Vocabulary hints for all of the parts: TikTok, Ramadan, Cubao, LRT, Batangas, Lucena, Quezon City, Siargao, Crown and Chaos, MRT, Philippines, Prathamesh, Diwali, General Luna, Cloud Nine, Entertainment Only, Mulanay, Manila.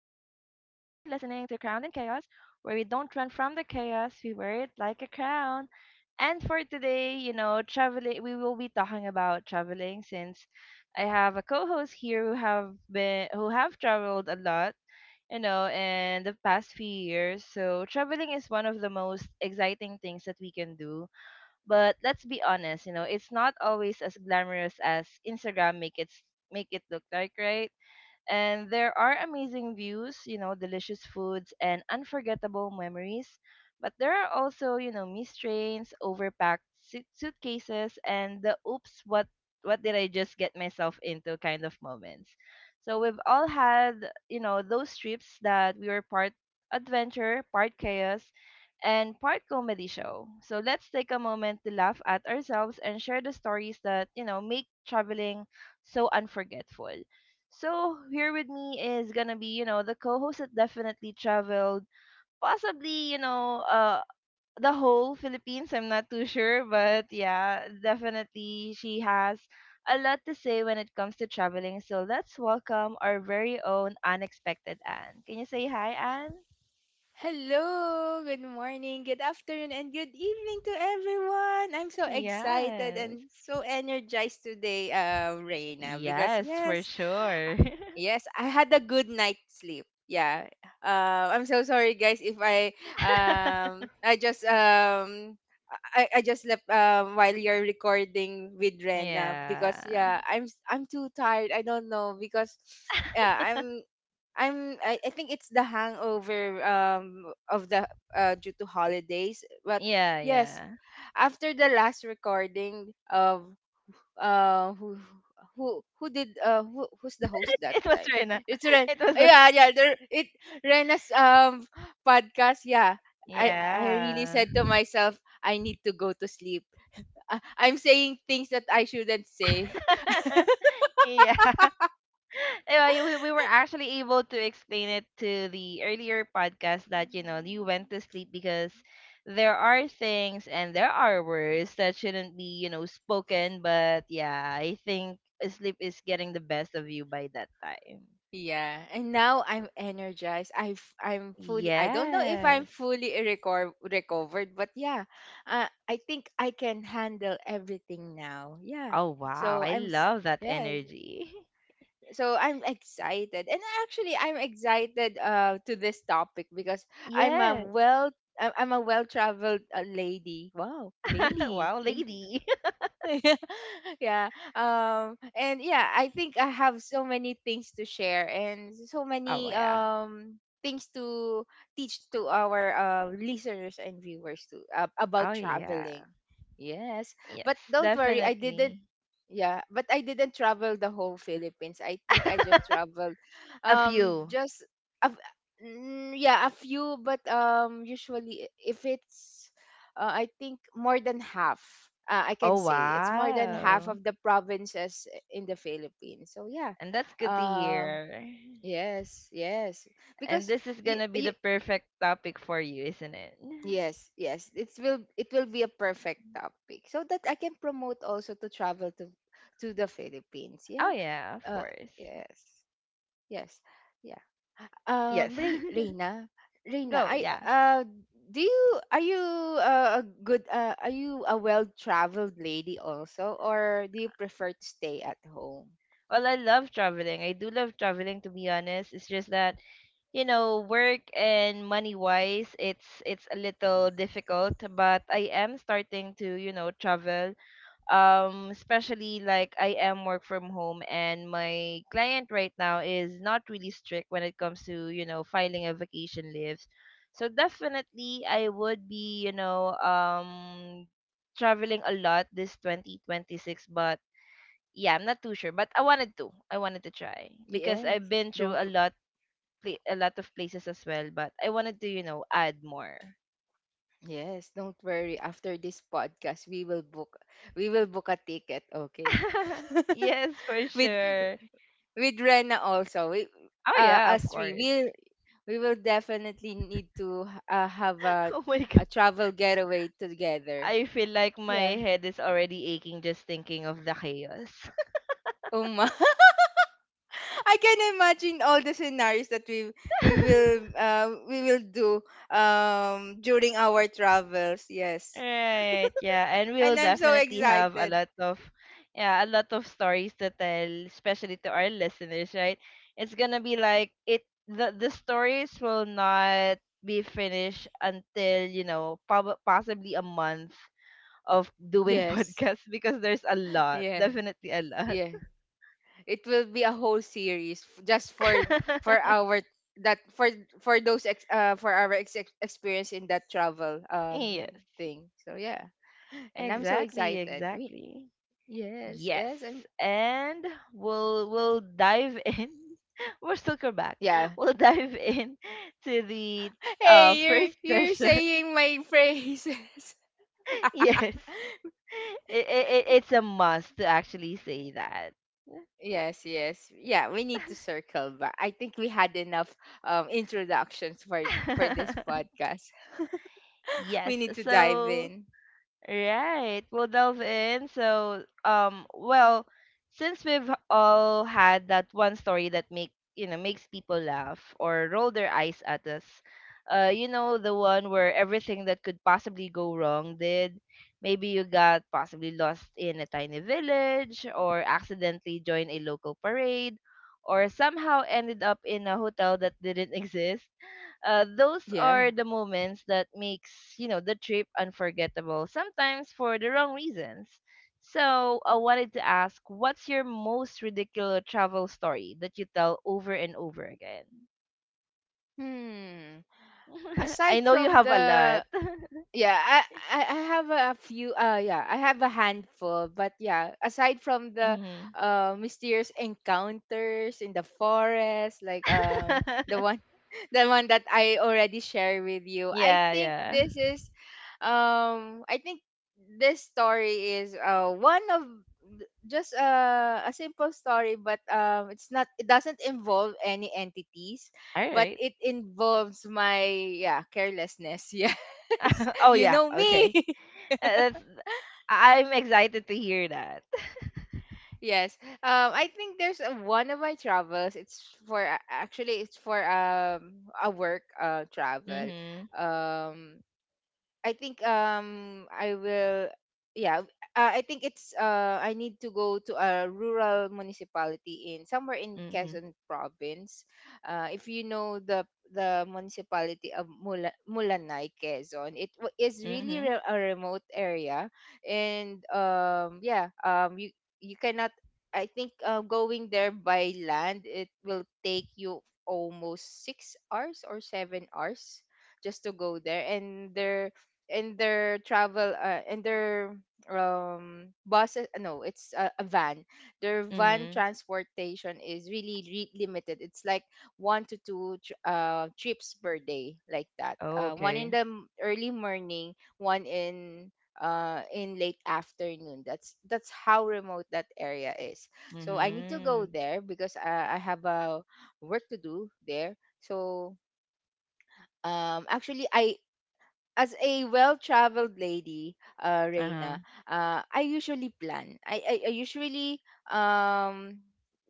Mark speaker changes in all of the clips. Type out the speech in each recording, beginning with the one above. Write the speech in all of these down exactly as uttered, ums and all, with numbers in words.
Speaker 1: listening to Crown and Chaos, where we don't run from the chaos, we wear it like a crown. And for today, you know, traveling, we will be talking about traveling since I have a co-host here who have been who have traveled a lot, you know, in the past few years. So traveling is one of the most exciting things that we can do. But let's be honest, you know, it's not always as glamorous as Instagram make it s- make it look like, right? And there are amazing views, you know, delicious foods, and unforgettable memories. But there are also, you know, missed trains, overpacked suit- suitcases, and the oops, what what did I just get myself into kind of moments. So we've all had, you know, those trips that we were part adventure, part chaos, and part comedy show. So let's take a moment to laugh at ourselves and share the stories that, you know, make traveling so unforgettable. So here with me is gonna be, you know, the co-host that definitely traveled, possibly, you know, uh, the whole Philippines. I'm not too sure, but yeah, definitely she has a lot to say when it comes to traveling. So let's welcome our very own unexpected Anne. Can you say hi, Anne?
Speaker 2: Hello, good morning, good afternoon, and good evening to everyone. I'm so excited
Speaker 1: Yes.
Speaker 2: and so energized today, uh, Reina, because
Speaker 1: Yes, for
Speaker 2: yes,
Speaker 1: sure.
Speaker 2: yes, I had a good night's sleep. Yeah, uh, I'm so sorry, guys, if I um I just um I, I just left um while you're recording with Rena because
Speaker 1: Yeah.
Speaker 2: yeah, I'm I'm too tired. I don't know because yeah, I'm. I'm I, I think it's the hangover um of the uh due to holidays. But
Speaker 1: Yeah,
Speaker 2: yes,
Speaker 1: yeah.
Speaker 2: after the last recording of uh who who who did uh who, who's the host that
Speaker 1: It was
Speaker 2: time?
Speaker 1: Rena.
Speaker 2: It's Ren.
Speaker 1: It was. Re-
Speaker 2: Yeah, yeah, there it Rena's um podcast. Yeah. I I really
Speaker 1: Yeah.
Speaker 2: said to myself I need to go to sleep. Uh, I'm saying things that I shouldn't say.
Speaker 1: Yeah. Uh, we, we were actually able to explain it to the earlier podcast that, you know, you went to sleep because there are things and there are words that shouldn't be, you know, spoken. But yeah, I think sleep is getting the best of you by that time.
Speaker 2: Yeah, and now I'm energized. I f- I'm fully. I don't know if I'm
Speaker 1: Yes.
Speaker 2: fully reco- recovered, but yeah, uh, I think I can handle everything now. Yeah,
Speaker 1: Oh, wow.
Speaker 2: so
Speaker 1: I
Speaker 2: I'm s-
Speaker 1: love that
Speaker 2: yes,
Speaker 1: energy.
Speaker 2: so I'm excited, and actually I'm excited uh to this topic because I'm a
Speaker 1: Yes.
Speaker 2: well I- I'm a well traveled uh, lady. Wow, lady.
Speaker 1: Wow, lady.
Speaker 2: yeah um and yeah, I think I have so many things to share and so
Speaker 1: Oh,
Speaker 2: many
Speaker 1: yeah.
Speaker 2: um things to teach to our uh, listeners and viewers too, uh, about
Speaker 1: Oh, yeah.
Speaker 2: traveling. Yes but
Speaker 1: Yes,
Speaker 2: don't worry I didn't
Speaker 1: definitely.
Speaker 2: Yeah, but I didn't travel the whole Philippines. I think I just traveled
Speaker 1: A
Speaker 2: um
Speaker 1: few.
Speaker 2: just a, f- mm, yeah, a few. But um usually if it's uh, I think more than half. Uh, I
Speaker 1: Oh,
Speaker 2: can say it's more than half
Speaker 1: wow.
Speaker 2: of the provinces in the Philippines. So yeah.
Speaker 1: And that's good to
Speaker 2: Uh
Speaker 1: hear.
Speaker 2: yes, yes.
Speaker 1: And
Speaker 2: Because
Speaker 1: this is
Speaker 2: you,
Speaker 1: gonna be
Speaker 2: you
Speaker 1: the perfect topic for you, isn't it?
Speaker 2: yes, yes. It will, it will be a perfect topic so that I can promote also to travel to to the Philippines.
Speaker 1: Oh,
Speaker 2: Yeah.
Speaker 1: yeah, of
Speaker 2: Uh,
Speaker 1: course.
Speaker 2: yes. Yes. Yeah.
Speaker 1: Yes.
Speaker 2: Um, Re- Reina, Reina,
Speaker 1: Go,
Speaker 2: I,
Speaker 1: yeah.
Speaker 2: uh, do you, are you uh, a good uh, are you a well-traveled lady also, or do you prefer to stay at home?
Speaker 1: Well, I love traveling. I do love traveling, to be honest. It's just that you know work and money wise it's it's a little difficult but I am starting to, you know, travel, um, especially like I am work from home and my client right now is not really strict when it comes to, you know, filing a vacation leaves, so definitely I would be, you know, um, traveling a lot this twenty twenty-six. But yeah, I'm not too sure, but I wanted to I wanted to try because
Speaker 2: Yes.
Speaker 1: I've been through
Speaker 2: Don't
Speaker 1: a
Speaker 2: w-
Speaker 1: lot pla- a lot of places as well, but I wanted to, you know, add more.
Speaker 2: yes, don't worry. After this podcast, we will book we will book a ticket, okay?
Speaker 1: Yes, for
Speaker 2: with
Speaker 1: sure.
Speaker 2: with Rena also. We,
Speaker 1: Oh
Speaker 2: uh,
Speaker 1: yeah,
Speaker 2: us
Speaker 1: of
Speaker 2: three,
Speaker 1: course.
Speaker 2: we we will definitely need to, uh, have a
Speaker 1: Oh my.
Speaker 2: a travel getaway together.
Speaker 1: I feel like my
Speaker 2: Yeah.
Speaker 1: head is already aching just thinking of the chaos.
Speaker 2: Oh my. I can imagine all the scenarios that we we will, uh, we will do um during our travels. Yes.
Speaker 1: Right, yeah, and we'll
Speaker 2: And I'm so
Speaker 1: definitely have a
Speaker 2: excited.
Speaker 1: lot of, yeah, a lot of stories to tell, especially to our listeners, right? It's gonna be like it the the stories will not be finished until, you know, prob- possibly a month of doing
Speaker 2: Yes.
Speaker 1: podcasts because there's a lot,
Speaker 2: Yeah.
Speaker 1: definitely a lot.
Speaker 2: Yeah. It will be a whole series, f- just for for our that for for those ex, uh for our ex- ex- experience in that travel um
Speaker 1: Yes,
Speaker 2: thing. So yeah. And I'm so
Speaker 1: exactly,
Speaker 2: excited. We,
Speaker 1: exactly.
Speaker 2: yes,
Speaker 1: Yes,
Speaker 2: yes, I'm
Speaker 1: and we'll we'll dive in. We're still back.
Speaker 2: yeah.
Speaker 1: We'll dive in to the uh
Speaker 2: Hey,
Speaker 1: first
Speaker 2: you're you're
Speaker 1: question.
Speaker 2: saying my phrases.
Speaker 1: Yes, it, it it- it's a must to actually say that.
Speaker 2: Yes, yes. Yeah, we need to circle back. I think we had enough um introductions for for this podcast. We
Speaker 1: Yes,
Speaker 2: need to dive
Speaker 1: so
Speaker 2: in.
Speaker 1: right. We'll delve in. So, um, well, since we've all had that one story that make you know makes people laugh or roll their eyes at us, uh, you know the one where everything that could possibly go wrong did. Maybe you got possibly lost in a tiny village, or accidentally joined a local parade, or somehow ended up in a hotel that didn't exist. Uh, those
Speaker 2: Yeah.
Speaker 1: are the moments that makes, you know, the trip unforgettable sometimes for the wrong reasons. So I wanted to ask, what's your most ridiculous travel story that you tell over and over again?
Speaker 2: Hmm.
Speaker 1: I
Speaker 2: Aside
Speaker 1: know you
Speaker 2: from
Speaker 1: have
Speaker 2: the
Speaker 1: a lot.
Speaker 2: yeah I, I I have a few. uh yeah I have a handful, but yeah, aside from the
Speaker 1: Hmm.
Speaker 2: uh mysterious encounters in the forest, like um the one the one that I already shared with you, I
Speaker 1: Yeah,
Speaker 2: think
Speaker 1: yeah.
Speaker 2: this is, um I think this story is, uh one of th- just, uh, a simple story, but um it's not, it doesn't involve any entities,
Speaker 1: All
Speaker 2: but
Speaker 1: right.
Speaker 2: it involves my, yeah, carelessness. Yeah,
Speaker 1: Oh
Speaker 2: you
Speaker 1: yeah,
Speaker 2: know me.
Speaker 1: okay. Uh, that's I- I'm excited to hear that.
Speaker 2: Yes. Um, I think there's a, one of my travels. It's for a- actually it's for um a work uh travel.
Speaker 1: Mm-hmm.
Speaker 2: Um, I think um I will yeah uh, I think it's, uh I need to go to a rural municipality in somewhere in
Speaker 1: Mm-hmm.
Speaker 2: Quezon province. Uh, if you know the the municipality of Mula, Mulanay, Quezon, it wa- is really
Speaker 1: Mm-hmm.
Speaker 2: re- a remote area. And um yeah, um you you cannot I think uh, going there by land it will take you almost six hours or seven hours just to go there. And there, in their travel, uh, in their um buses, uh, no, it's a, a van. Their van
Speaker 1: Mm-hmm.
Speaker 2: transportation is really re- limited. It's like one to two tr- uh, trips per day, like that,
Speaker 1: Oh
Speaker 2: uh one in
Speaker 1: okay.
Speaker 2: the m- early morning, one in uh in late afternoon. That's that's how remote that area is. So I need to go
Speaker 1: Mm-hmm.
Speaker 2: there because, uh, I have a work to do there. So um actually I as a well-traveled lady, uh,
Speaker 1: Uh-huh.
Speaker 2: Reina, uh, I usually plan. I, I, I usually, um,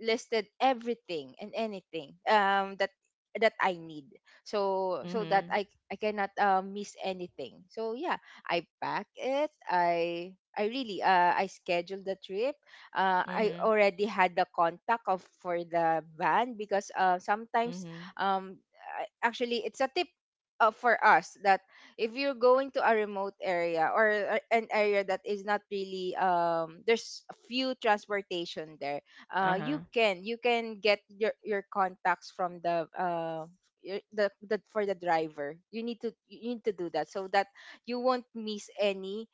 Speaker 2: listed everything and anything, um, that that I need, so so that
Speaker 1: Mhm.
Speaker 2: I I cannot, uh, miss anything. So yeah, I pack it. I I really, uh, I scheduled the trip. Uh, I
Speaker 1: Mhm.
Speaker 2: already had the contact of for the van, because, uh, sometimes,
Speaker 1: Mhm.
Speaker 2: um, I- actually, it's a tip, uh, for us, that if you're going to a remote area, or a- an area that is not really, um there's few transportation there, uh you
Speaker 1: Uh-huh.
Speaker 2: can, you can get your your contacts from the, uh your- the, the for the driver. You need to you need to do that, so that you won't miss any,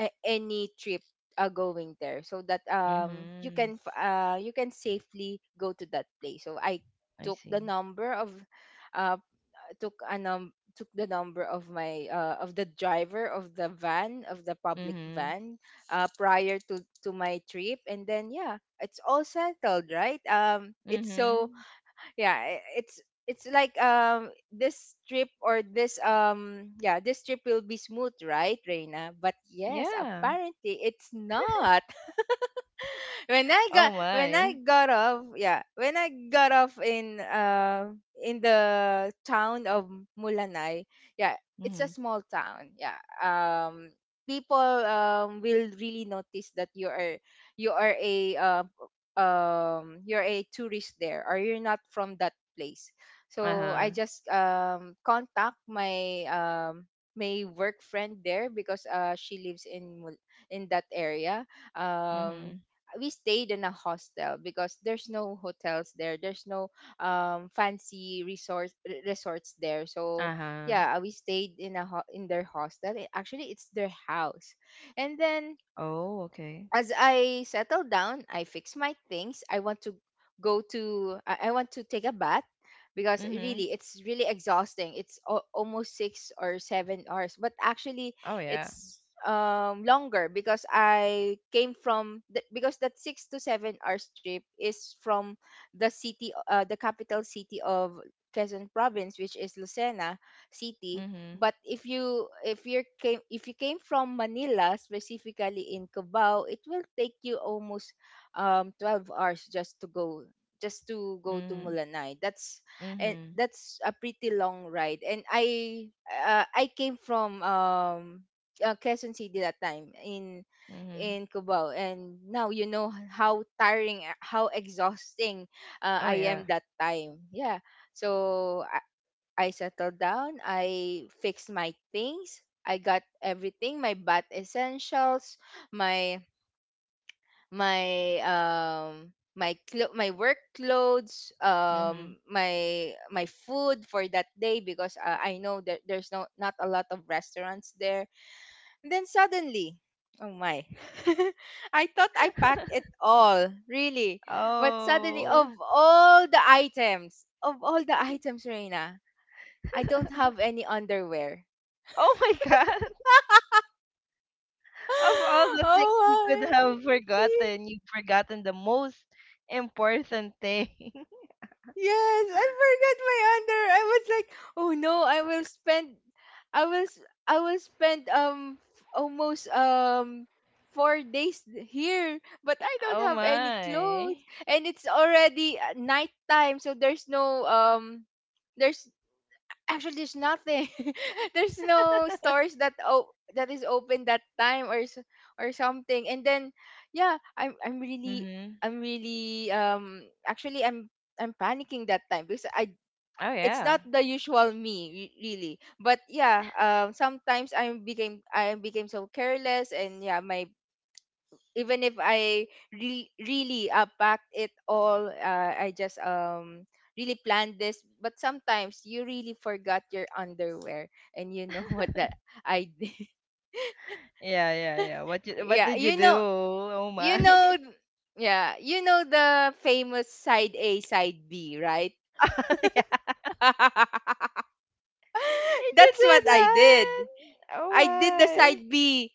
Speaker 2: uh, any trip, uh, going there, so that um you
Speaker 1: Mhm.
Speaker 2: can, f- uh you can safely go to that place. So I
Speaker 1: I
Speaker 2: took the
Speaker 1: see.
Speaker 2: number of uh took a num took the number of my, uh, of the driver of the van, of the public
Speaker 1: Mhm.
Speaker 2: van, uh, prior to to my trip. And then yeah, it's all settled, right? Um it's so
Speaker 1: Mhm.
Speaker 2: yeah, i- it's it's like, um this trip or this um yeah, this trip will be smooth, right, Reina? But yes,
Speaker 1: Yeah.
Speaker 2: apparently, it's not. When I
Speaker 1: Oh
Speaker 2: got when I
Speaker 1: my.
Speaker 2: got off, yeah, when I got off in uh in the town of Mulanay, yeah, it's a
Speaker 1: Mhm.
Speaker 2: small town. Yeah, um, people um will really notice that you are you are a, uh, um you're a tourist there, or you're not from that place. So I
Speaker 1: Uh-huh.
Speaker 2: just um contact my, um my work friend there, because, uh, she lives in Mul- in that area. um
Speaker 1: Mhm.
Speaker 2: we stayed in a hostel because there's no hotels there. There's no um fancy resort r- resorts there. So
Speaker 1: Uh-huh.
Speaker 2: yeah, we stayed in a ho- in their hostel. It- actually, it's their house. And then,
Speaker 1: Oh, okay.
Speaker 2: as I settle down, I fix my things. I want to go to I I want to take a bath, because
Speaker 1: Mhm.
Speaker 2: really, it's really exhausting. It's al- almost six or seven hours, but actually
Speaker 1: Oh yeah.
Speaker 2: it's, um longer, because I came from the, because that six to seven hours trip is from the city, uh the capital city of Quezon province, which is Lucena city.
Speaker 1: Mhm.
Speaker 2: But if you, if you came if you came from Manila, specifically in Cubao, it will take you almost, um twelve hours just to go, just to go to
Speaker 1: Mhm.
Speaker 2: Mulanay. That's And
Speaker 1: Mhm.
Speaker 2: that's a pretty long ride. And I, uh, I came from, um uh, Quezon City that time, in
Speaker 1: Mhm.
Speaker 2: in Cubao, and now you know how tiring, uh, how exhausting, uh,
Speaker 1: Oh
Speaker 2: I am
Speaker 1: yeah.
Speaker 2: that time. Yeah. So I settled down. I fixed my things. I got everything. My bath essentials, my my, um my clo- my work clothes,
Speaker 1: Mhm.
Speaker 2: um my, my food for that day, because, uh, I know that there's no, not a lot of restaurants there. And then suddenly, oh my. I thought I packed it all, really. But suddenly,
Speaker 1: Oh.
Speaker 2: of all the items, of all the items, Reina, I don't have any underwear.
Speaker 1: Oh my God. Of all the things you could
Speaker 2: Oh my.
Speaker 1: have
Speaker 2: Y-
Speaker 1: forgotten, you've forgotten the most important thing.
Speaker 2: Yes, I forgot my under. I was like, oh no, I will spend I will s- I will spend, um f- almost, um four days here, but I don't
Speaker 1: Oh
Speaker 2: have any clothes,
Speaker 1: my.
Speaker 2: and it's already, uh, nighttime, so there's no, um there's." actually, there's nothing. There's no stores that, oh, that is open that time, or, s- or something. And then yeah, i'm i'm really
Speaker 1: Mhm.
Speaker 2: i'm really, um actually i'm i'm panicking that time, because I,
Speaker 1: Oh
Speaker 2: it's
Speaker 1: yeah.
Speaker 2: not the usual me, re- really. But yeah, um sometimes i became i became so careless. And yeah, my, even if I, re- really, uh, packed it all, uh, I just, um really planned this. But sometimes you really forgot your underwear, and you know what that I did.
Speaker 1: Yeah, yeah, yeah. What you, what
Speaker 2: Yeah,
Speaker 1: did you
Speaker 2: you
Speaker 1: do?
Speaker 2: know,
Speaker 1: Oh
Speaker 2: you
Speaker 1: my.
Speaker 2: know, yeah, you know the famous side A, side B, right?
Speaker 1: Yeah. Did you
Speaker 2: That's
Speaker 1: do
Speaker 2: what I
Speaker 1: that?
Speaker 2: did.
Speaker 1: Oh
Speaker 2: I did the
Speaker 1: my.
Speaker 2: side B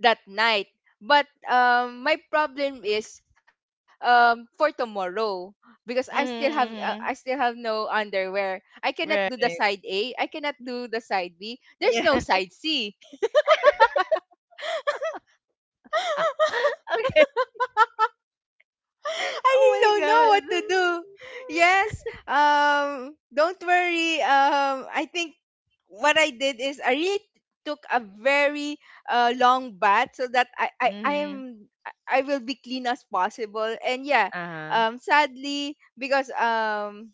Speaker 2: that night. But, um, my problem is, um, for tomorrow, because I still have, uh, I still
Speaker 1: Mhm.
Speaker 2: have no underwear. I cannot
Speaker 1: Mm-hmm.
Speaker 2: do the side
Speaker 1: Right.
Speaker 2: A. I cannot do the side B. There's
Speaker 1: Yeah.
Speaker 2: no side C.
Speaker 1: Okay.
Speaker 2: I
Speaker 1: Oh
Speaker 2: really
Speaker 1: my
Speaker 2: don't know
Speaker 1: god.
Speaker 2: what to do. Yes. Um. Don't worry. Um. I think what I did is, I really took a very, uh, long bath, so that I I I
Speaker 1: Mhm.
Speaker 2: am I I will be clean as possible. And yeah.
Speaker 1: Uh-huh.
Speaker 2: Um. Sadly, because, um.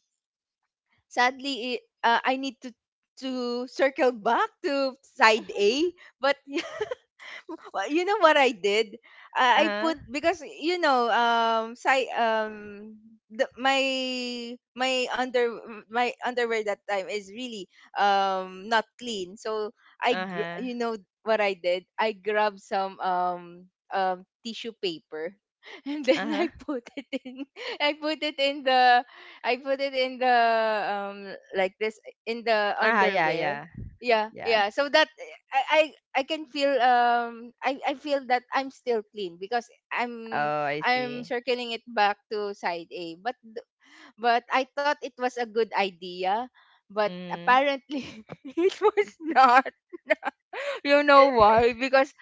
Speaker 2: Sadly, it, uh, I need to to circle back to side A, but well, you know what I did? Uh, I
Speaker 1: Uh-huh.
Speaker 2: put because you know um si- um the, my my under my underwear that time is really um not clean. So I gr-
Speaker 1: Uh-huh.
Speaker 2: you know what I did? I grabbed some um um tissue paper and then
Speaker 1: Uh-huh.
Speaker 2: I put it in I put it in the I put it in the um like this in the
Speaker 1: Uh-huh. Yeah,
Speaker 2: underwear.
Speaker 1: yeah.
Speaker 2: Yeah,
Speaker 1: Yeah.
Speaker 2: yeah. So that I, I I can feel um I I feel that I'm still clean because
Speaker 1: Oh,
Speaker 2: I'm
Speaker 1: I
Speaker 2: I'm
Speaker 1: see.
Speaker 2: circling it back to side A. But th- but I thought it was a good idea, but
Speaker 1: Mhm.
Speaker 2: apparently it was not. You know why? Because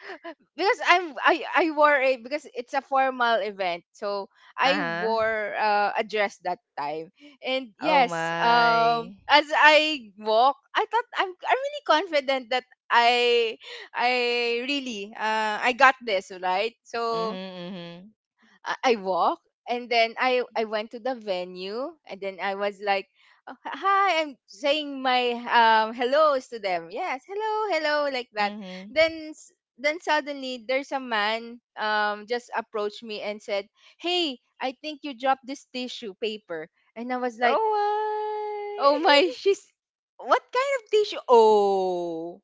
Speaker 2: because I'm I I wore a because it's a formal event, so I
Speaker 1: Uh-huh.
Speaker 2: wore uh, a dress that time. And
Speaker 1: Oh
Speaker 2: yes, um,
Speaker 1: my.
Speaker 2: as I walk, I thought I'm I'm really confident that I I really uh I got this right. So
Speaker 1: Mhm. Mhm.
Speaker 2: I I walk and then I I went to the venue and then I was like, "Oh, h- "Hi," I'm saying my um hellos to them. Yes, hello, hello, like that.
Speaker 1: Mm-hmm.
Speaker 2: Then s- then suddenly there's a man um just approached me and said, "Hey, I think you dropped this tissue paper." And I was like,
Speaker 1: Oh
Speaker 2: "Oh my, she's what kind of tissue? Oh."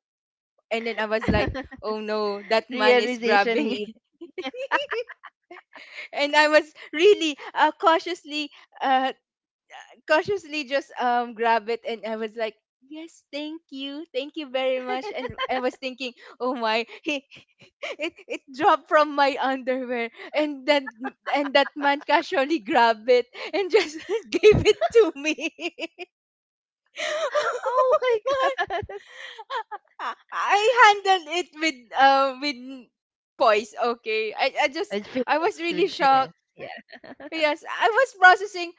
Speaker 2: And then I was like,
Speaker 1: my
Speaker 2: "Oh no, that man is
Speaker 1: realization
Speaker 2: grabbing it."
Speaker 1: heat.
Speaker 2: And I was really uh, cautiously uh, cautiously just um grab it and I was like, yes, thank you. Thank you very much. And I was thinking, oh my, he, it it dropped from my underwear. And then and that man casually grabbed it and just gave it to me. Oh
Speaker 1: Oh my
Speaker 2: my.
Speaker 1: god.
Speaker 2: I I handled it with uh with poise, okay. I, I just
Speaker 1: With
Speaker 2: I was
Speaker 1: finesse,
Speaker 2: really
Speaker 1: with
Speaker 2: shocked.
Speaker 1: finesse. Yeah.
Speaker 2: Yes, I was processing.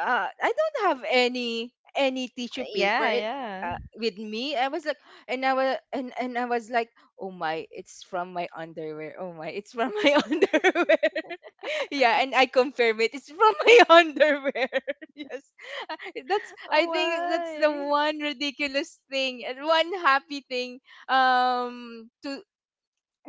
Speaker 2: Uh, I don't have any any tissue
Speaker 1: Th-
Speaker 2: paper
Speaker 1: Yeah,
Speaker 2: it,
Speaker 1: yeah.
Speaker 2: uh, with me. I was like, and I was and, and I was like, oh my, it's from my underwear. Oh my, it's from my underwear. Yeah, and I confirm it. It's from my underwear. Yes. Uh, that's. I
Speaker 1: Oh
Speaker 2: think that's the
Speaker 1: my.
Speaker 2: one ridiculous thing and one happy thing. Um, to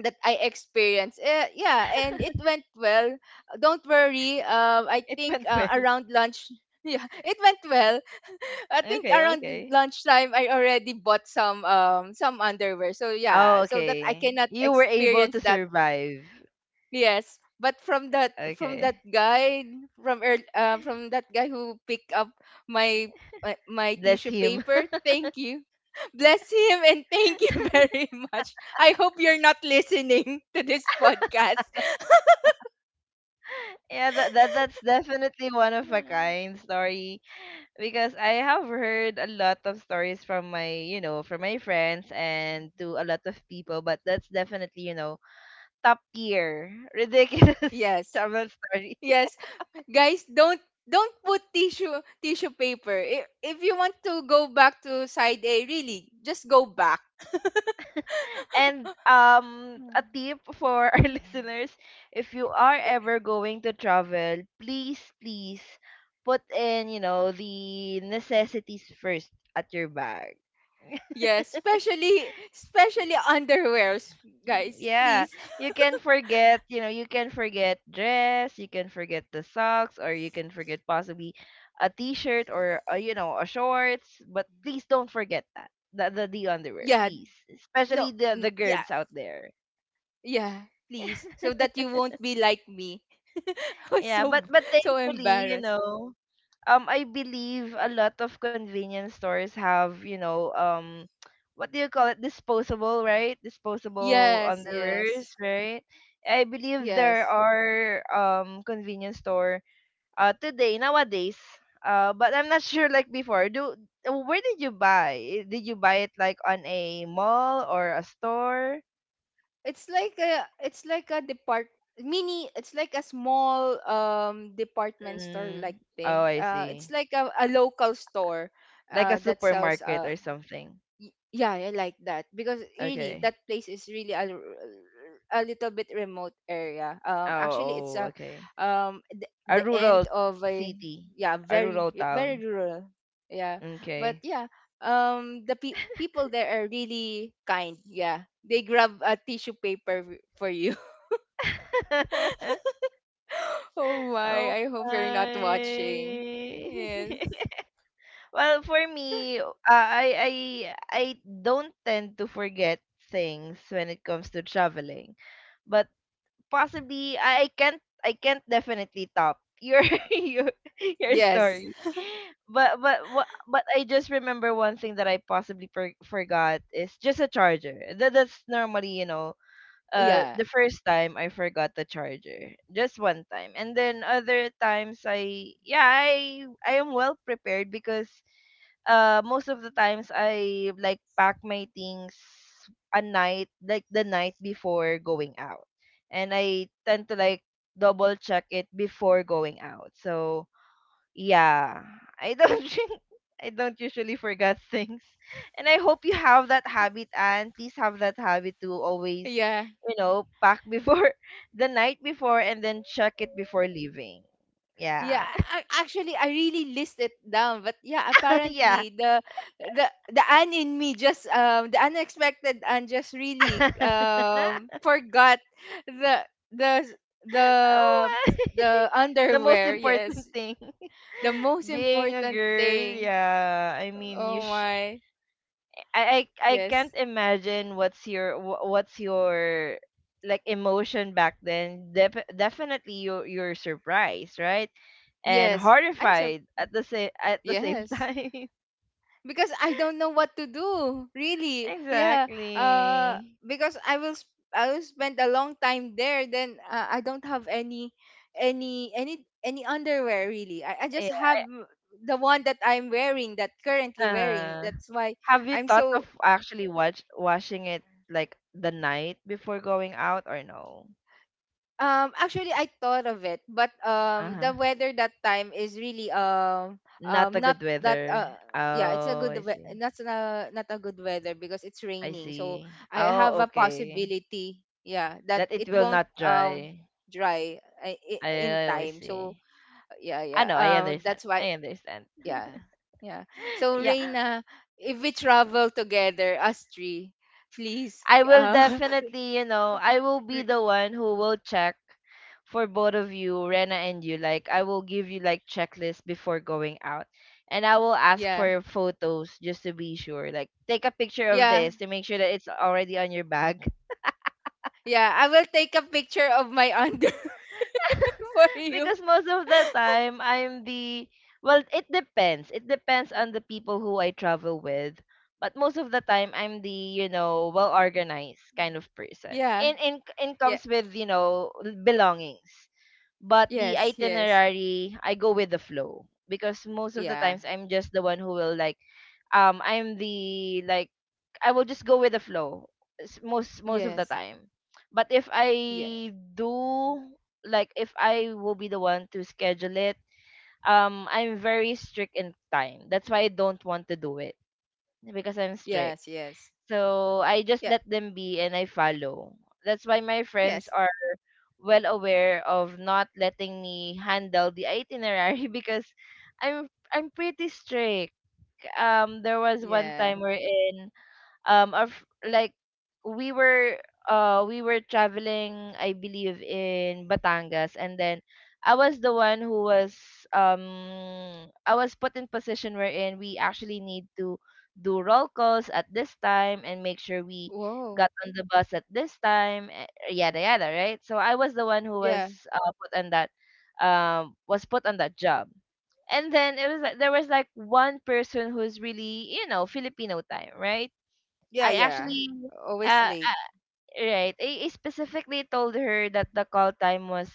Speaker 2: That I experienced. Eh, yeah, and it went well. Don't worry. Um, I
Speaker 1: It
Speaker 2: think
Speaker 1: went
Speaker 2: uh,
Speaker 1: well.
Speaker 2: around lunch. Yeah, it went well. I think
Speaker 1: Okay,
Speaker 2: around
Speaker 1: okay.
Speaker 2: lunchtime I already bought some um some underwear. So
Speaker 1: Oh,
Speaker 2: yeah, so that I
Speaker 1: okay.
Speaker 2: cannot
Speaker 1: You were able
Speaker 2: experience
Speaker 1: to
Speaker 2: that.
Speaker 1: survive.
Speaker 2: Yes, but from that from that
Speaker 1: Okay.
Speaker 2: guy from ear uh, from that guy who picked up my my, my
Speaker 1: Bless
Speaker 2: tissue
Speaker 1: him.
Speaker 2: paper, thank you. Bless him and thank you very much. I hope you're not listening to this podcast.
Speaker 1: Yeah, that, that that's definitely one of a
Speaker 2: Mm.
Speaker 1: kind story. Because I have heard a lot of stories from my, you know, from my friends and to a lot of people, but that's definitely, you know, top tier ridiculous
Speaker 2: Yes.
Speaker 1: travel story.
Speaker 2: Yes. Guys, don't don't put tissue tissue paper. If, if you want to go back to side A, really, just go back.
Speaker 1: And um a
Speaker 2: Mm.
Speaker 1: tip for our listeners, if you are ever going to travel, please please put in, you know, the necessities first at your bag.
Speaker 2: Yes, especially especially underwears, guys.
Speaker 1: Yeah,
Speaker 2: Please.
Speaker 1: you can forget, you know, you can forget dress, you can forget the socks, or you can forget possibly a t-shirt or a, you know, a shorts, but please don't forget that. The, the the underwear,
Speaker 2: Yeah,
Speaker 1: please. Especially
Speaker 2: no.
Speaker 1: the
Speaker 2: Mm,
Speaker 1: the
Speaker 2: yeah.
Speaker 1: girls out there.
Speaker 2: Yeah, please. So that you won't be like me. I was
Speaker 1: Yeah,
Speaker 2: so
Speaker 1: but
Speaker 2: b-
Speaker 1: but
Speaker 2: So
Speaker 1: thankfully, you
Speaker 2: embarrassed.
Speaker 1: know, um, I believe a lot of convenience stores have, you know, um, what do you call it? Disposable, right? Disposable
Speaker 2: Yes,
Speaker 1: underwears,
Speaker 2: yes.
Speaker 1: right? I believe there
Speaker 2: Yes.
Speaker 1: are um convenience store uh today nowadays. Uh, but I'm not sure like before. Do uh, where did you buy? Eh, did you buy it like on a mall or a store?
Speaker 2: It's like a it's like a depart mini it's like a small um department store like
Speaker 1: Mm. Oh,
Speaker 2: thing.
Speaker 1: I
Speaker 2: Uh it's
Speaker 1: see.
Speaker 2: like a, a local store
Speaker 1: Like a
Speaker 2: uh that sells
Speaker 1: supermarket
Speaker 2: uh,
Speaker 1: or something.
Speaker 2: y- yeah, I like that because really that
Speaker 1: Okay.
Speaker 2: place is really a, l- a little bit remote area. Um, actually, it's
Speaker 1: Oh, oh,
Speaker 2: a
Speaker 1: okay.
Speaker 2: um the,
Speaker 1: A
Speaker 2: the
Speaker 1: rural
Speaker 2: end of a
Speaker 1: city,
Speaker 2: yeah
Speaker 1: a
Speaker 2: very
Speaker 1: rural
Speaker 2: very
Speaker 1: town.
Speaker 2: rural. Yeah, but
Speaker 1: Okay.
Speaker 2: yeah, um the pe- people there are really kind. Yeah, they grab a tissue paper w- for you. Oh my!
Speaker 1: Oh
Speaker 2: I hope you're not watching. Yes.
Speaker 1: my. Well, for me, uh, I I I don't tend to forget things when it comes to traveling, but possibly I I can't I can't definitely top your your your
Speaker 2: Yes.
Speaker 1: story. But but wha- but I just remember one thing that I possibly per- forgot is just a charger. That that's normally, you know, uh,
Speaker 2: Yeah.
Speaker 1: the first time I forgot the charger. Just one time. And then other times I, yeah, I I am well prepared because uh most of the times I like pack my things a night like the night before going out. And I tend to like double check it before going out. So yeah. I don't drink. I don't usually forget things. And I hope you have that habit and please have that habit to always,
Speaker 2: Yeah.
Speaker 1: you know, pack before the night before and then check it before leaving.
Speaker 2: Yeah,
Speaker 1: Yeah.
Speaker 2: I, I- actually, I really list it down, but yeah,
Speaker 1: Yeah.
Speaker 2: apparently the the the Anne in me just um the unexpected and just really um forgot the the
Speaker 1: Oh
Speaker 2: the
Speaker 1: my.
Speaker 2: the
Speaker 1: The most
Speaker 2: underwear. Yes,
Speaker 1: important thing.
Speaker 2: the most
Speaker 1: Being a
Speaker 2: important
Speaker 1: girl,
Speaker 2: thing.
Speaker 1: yeah. I mean, you
Speaker 2: Oh my,
Speaker 1: I I, I can't
Speaker 2: yes,
Speaker 1: imagine what's your wh- what's your like emotion back then. Def- definitely you're you're surprised, right? And
Speaker 2: yes. I'm sur
Speaker 1: horrified at the same at the same
Speaker 2: Yes.
Speaker 1: time.
Speaker 2: Because I don't know what to do. Really, yeah. Uh,
Speaker 1: Exactly.
Speaker 2: because I will sp- I will spend a long time there. Then uh, I don't have any any any any underwear really. I, I
Speaker 1: Yeah.
Speaker 2: just have the one that I'm wearing that currently wearing.
Speaker 1: Uh,
Speaker 2: That's why
Speaker 1: have you
Speaker 2: I'm
Speaker 1: thought
Speaker 2: so.
Speaker 1: of actually watch watching it like the night before going out or no?
Speaker 2: Um, actually, I thought of it, but um, the
Speaker 1: Uh-huh.
Speaker 2: weather that time is really um
Speaker 1: Not
Speaker 2: um
Speaker 1: a
Speaker 2: not
Speaker 1: good
Speaker 2: that
Speaker 1: weather.
Speaker 2: uh yeah, it's a
Speaker 1: Oh,
Speaker 2: good
Speaker 1: I
Speaker 2: we-
Speaker 1: see.
Speaker 2: not a, not a good weather because it's
Speaker 1: I
Speaker 2: raining. So
Speaker 1: see.
Speaker 2: I have
Speaker 1: Oh,
Speaker 2: a
Speaker 1: okay.
Speaker 2: possibility, yeah, that
Speaker 1: That it
Speaker 2: it
Speaker 1: will
Speaker 2: won't
Speaker 1: not
Speaker 2: um
Speaker 1: dry.
Speaker 2: dry uh, i- in
Speaker 1: I always
Speaker 2: time.
Speaker 1: see.
Speaker 2: So yeah,
Speaker 1: I
Speaker 2: yeah.
Speaker 1: know, I
Speaker 2: Um,
Speaker 1: understand.
Speaker 2: that's why
Speaker 1: I understand.
Speaker 2: yeah, yeah. So
Speaker 1: Yeah.
Speaker 2: Reina, if we travel together, us three, please,
Speaker 1: I will
Speaker 2: uh,
Speaker 1: definitely, you know, I will be
Speaker 2: re-
Speaker 1: the one who will check for both of you, Rena and you. Like I will give you like checklist before going out. And I will ask for
Speaker 2: yeah,
Speaker 1: your photos just to be sure. Like take a picture of
Speaker 2: yeah.
Speaker 1: this to make sure that it's already on your bag.
Speaker 2: Yeah, I will take a picture of my underwear for you.
Speaker 1: Because most of the time, I'm the well, it depends. It depends on the people who I travel with. But most of the time, I'm the, you know, well organized kind of person,
Speaker 2: Yeah.
Speaker 1: and in in
Speaker 2: Yeah.
Speaker 1: comes with, you know, belongings. But the
Speaker 2: Yes. Yes.
Speaker 1: itinerary, I go with the flow because most of the
Speaker 2: Yeah.
Speaker 1: times I'm just the one who will like um I'm the like I will just go with the flow s- most most of the
Speaker 2: Yes.
Speaker 1: time. But if
Speaker 2: Yeah.
Speaker 1: I do like if I will be the one to schedule it, um I'm very strict in time. That's why I don't want to do it because I'm strict.
Speaker 2: Yes. Yes.
Speaker 1: So I just
Speaker 2: Yeah.
Speaker 1: let them be and I follow. That's why my friends
Speaker 2: Yes.
Speaker 1: are well aware of not letting me handle the itinerary because I'm I'm pretty strict. Um there was one
Speaker 2: Yeah.
Speaker 1: time we're in um our, f- like we were uh we were traveling, I believe, in Batangas, and then I was the one who was um I was put in position wherein we actually need to do roll calls at this time and make sure we
Speaker 2: Whoa.
Speaker 1: got on the bus at this time, eh, yada yada, right? So I was the one who was
Speaker 2: Yeah.
Speaker 1: uh, put on that um was put on that job. And then it was like there was like one person who's really, you know, Filipino time, right?
Speaker 2: Yeah.
Speaker 1: I
Speaker 2: Yeah.
Speaker 1: actually,
Speaker 2: Always
Speaker 1: uh,
Speaker 2: late.
Speaker 1: uh, right. I, I specifically told her that the call time was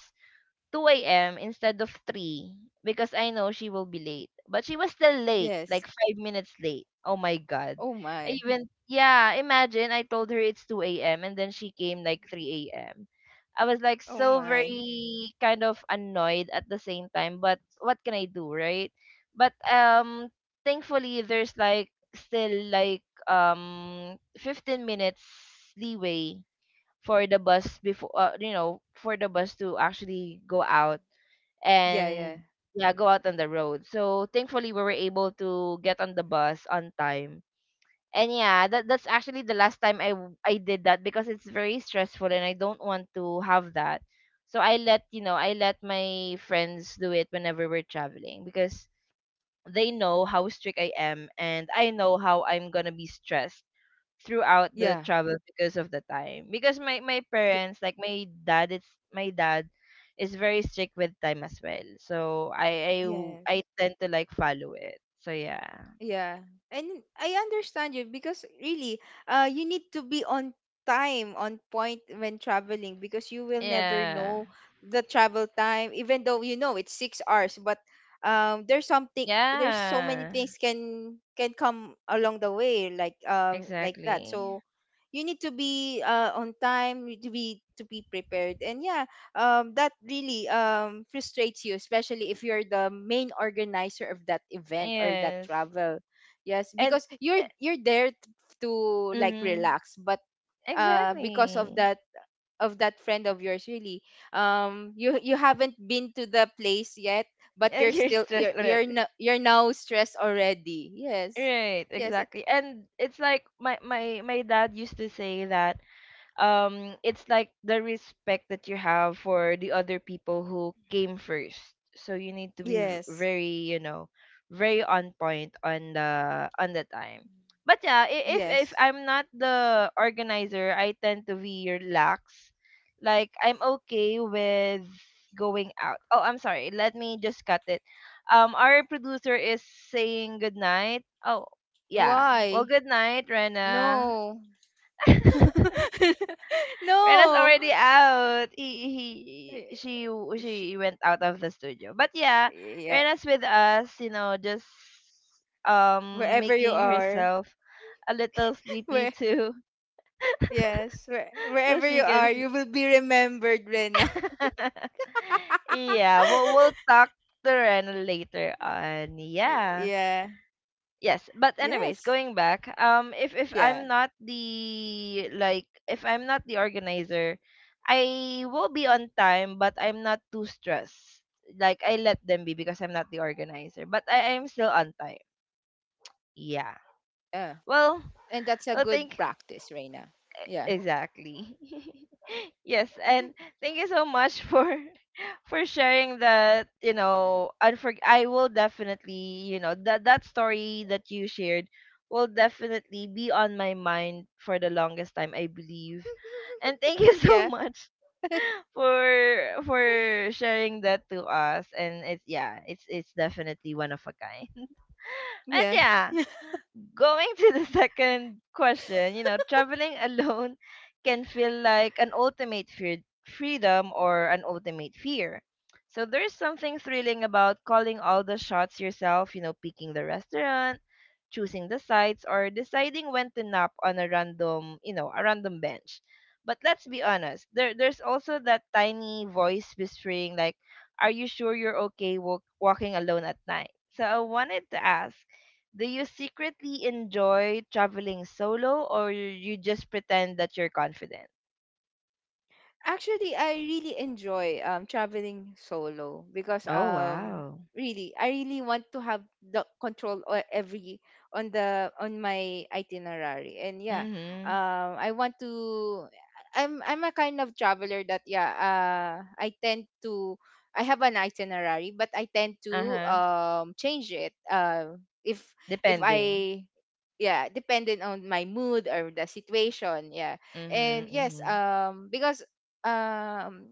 Speaker 1: two a m instead of three because I know she will be late. But she was still late,
Speaker 2: Yes.
Speaker 1: like five minutes late. Oh my god.
Speaker 2: Oh
Speaker 1: I
Speaker 2: my.
Speaker 1: even, yeah, imagine, I told her it's two a m and then she came like three a m. I was like
Speaker 2: Oh
Speaker 1: so
Speaker 2: my.
Speaker 1: very kind of annoyed at the same time, but what can I do, right? But um thankfully there's like still like um fifteen minutes leeway for the bus before, uh, you know, for the bus to actually go out
Speaker 2: Yeah. Yeah.
Speaker 1: and yeah go out on the road, so thankfully we were able to get on the bus on time. And yeah, that that's actually the last time i w- i did that because it's very stressful and I don't want to have that. So I let, you know, I let my friends do it whenever we're traveling because they know how strict I am and I know how I'm gonna be stressed throughout the
Speaker 2: Yeah.
Speaker 1: travel because of the time. Because my my
Speaker 2: Y-
Speaker 1: parents, like my dad, it's my dad is very strict with time as well. So I I w-
Speaker 2: yes.
Speaker 1: I tend to like follow it. So yeah.
Speaker 2: Yeah. And I understand you because really, uh, you need to be on time, on point when traveling because you will never
Speaker 1: Yeah.
Speaker 2: know the travel time, even though you know it's six hours, but um there's something there's so many
Speaker 1: Yeah.
Speaker 2: things can can come along the way like um like that.
Speaker 1: Exactly.
Speaker 2: So you need to be uh on time, you need to be to be prepared. And yeah, um that really um frustrates you especially if you're the main organizer of that event or that
Speaker 1: Yes.
Speaker 2: travel. Yes,
Speaker 1: And
Speaker 2: because you're you're there t- to like
Speaker 1: mm
Speaker 2: relax but uh because of
Speaker 1: exactly.
Speaker 2: that of that friend of yours really um you you haven't been to the place yet but
Speaker 1: Yeah,
Speaker 2: you're
Speaker 1: you're
Speaker 2: still
Speaker 1: stressed
Speaker 2: you're you're
Speaker 1: already.
Speaker 2: no, you're now stressed already. Yes.
Speaker 1: Right,
Speaker 2: Yes, it,
Speaker 1: exactly. And it's like my my my dad used to say that um it's like the respect that you have for the other people who came first, so you need to be v-
Speaker 2: yes,
Speaker 1: very, you know, very on point on the on the time. But yeah, i- if if
Speaker 2: yes.
Speaker 1: I'm not the organizer, I tend to be relaxed, like I'm okay with going out. Oh, I'm sorry, let me just cut it. Um our producer is saying good night. Oh, yeah. Well,
Speaker 2: Why?
Speaker 1: good night, Rena.
Speaker 2: No.
Speaker 1: Rena's
Speaker 2: No.
Speaker 1: already out. He, he she
Speaker 2: Y-. Sh-.
Speaker 1: she went out of the studio. But yeah,
Speaker 2: Yeah.
Speaker 1: Rena's with us, you know, just um
Speaker 2: Wherever you
Speaker 1: making
Speaker 2: are.
Speaker 1: herself a little sleepy
Speaker 2: Where
Speaker 1: too.
Speaker 2: yes, where,
Speaker 1: So
Speaker 2: wherever you
Speaker 1: she can
Speaker 2: are,
Speaker 1: s-
Speaker 2: you will be remembered, Rena.
Speaker 1: Yeah, we'll we'll talk to Rena later on.
Speaker 2: Y-
Speaker 1: Yeah.
Speaker 2: yeah.
Speaker 1: Yes, but anyways,
Speaker 2: Yes.
Speaker 1: going back, um, if if
Speaker 2: Yeah.
Speaker 1: I'm not the like if I'm not the organizer, I will be on time, but I'm not too stressed. Like I let them be because I'm not the organizer, but I am still on time. Yeah.
Speaker 2: Yeah.
Speaker 1: Well,
Speaker 2: And that's a
Speaker 1: I
Speaker 2: good
Speaker 1: think.
Speaker 2: practice, Reina. Yeah.
Speaker 1: Exactly. Yes, and thank you so much for for sharing that, you know, unfor- I will definitely, you know, that that story that you shared will definitely be on my mind for the longest time, I believe. And thank you
Speaker 2: Yeah.
Speaker 1: so much for for sharing that to us. And it's yeah, it's it's definitely one of a kind. But
Speaker 2: Yeah.
Speaker 1: yeah,
Speaker 2: Yeah.
Speaker 1: going to the second question, you know, traveling alone can feel like an ultimate fear, freedom or an ultimate fear. So there's something thrilling about calling all the shots yourself, you know, picking the restaurant, choosing the sites, or deciding when to nap on a random, you know, a random bench. But let's be honest, there there's also that tiny voice whispering like, "Are you sure you're okay walk, walking alone at night?" So I wanted to ask, do you secretly enjoy traveling solo or you just pretend that you're confident?
Speaker 2: Actually, I really enjoy um traveling solo because
Speaker 1: Oh,
Speaker 2: um
Speaker 1: wow.
Speaker 2: really I really want to have the control o- every on the on my itinerary and yeah
Speaker 1: Mm-hmm.
Speaker 2: um I want to I'm I'm a kind of traveler that yeah uh I tend to I have an itinerary but I tend to
Speaker 1: Uh-huh.
Speaker 2: um change it, uh, if if
Speaker 1: Depending.
Speaker 2: I yeah dependent on my mood or the situation yeah. And
Speaker 1: Mm-hmm.
Speaker 2: yes,
Speaker 1: Mm-hmm.
Speaker 2: um because um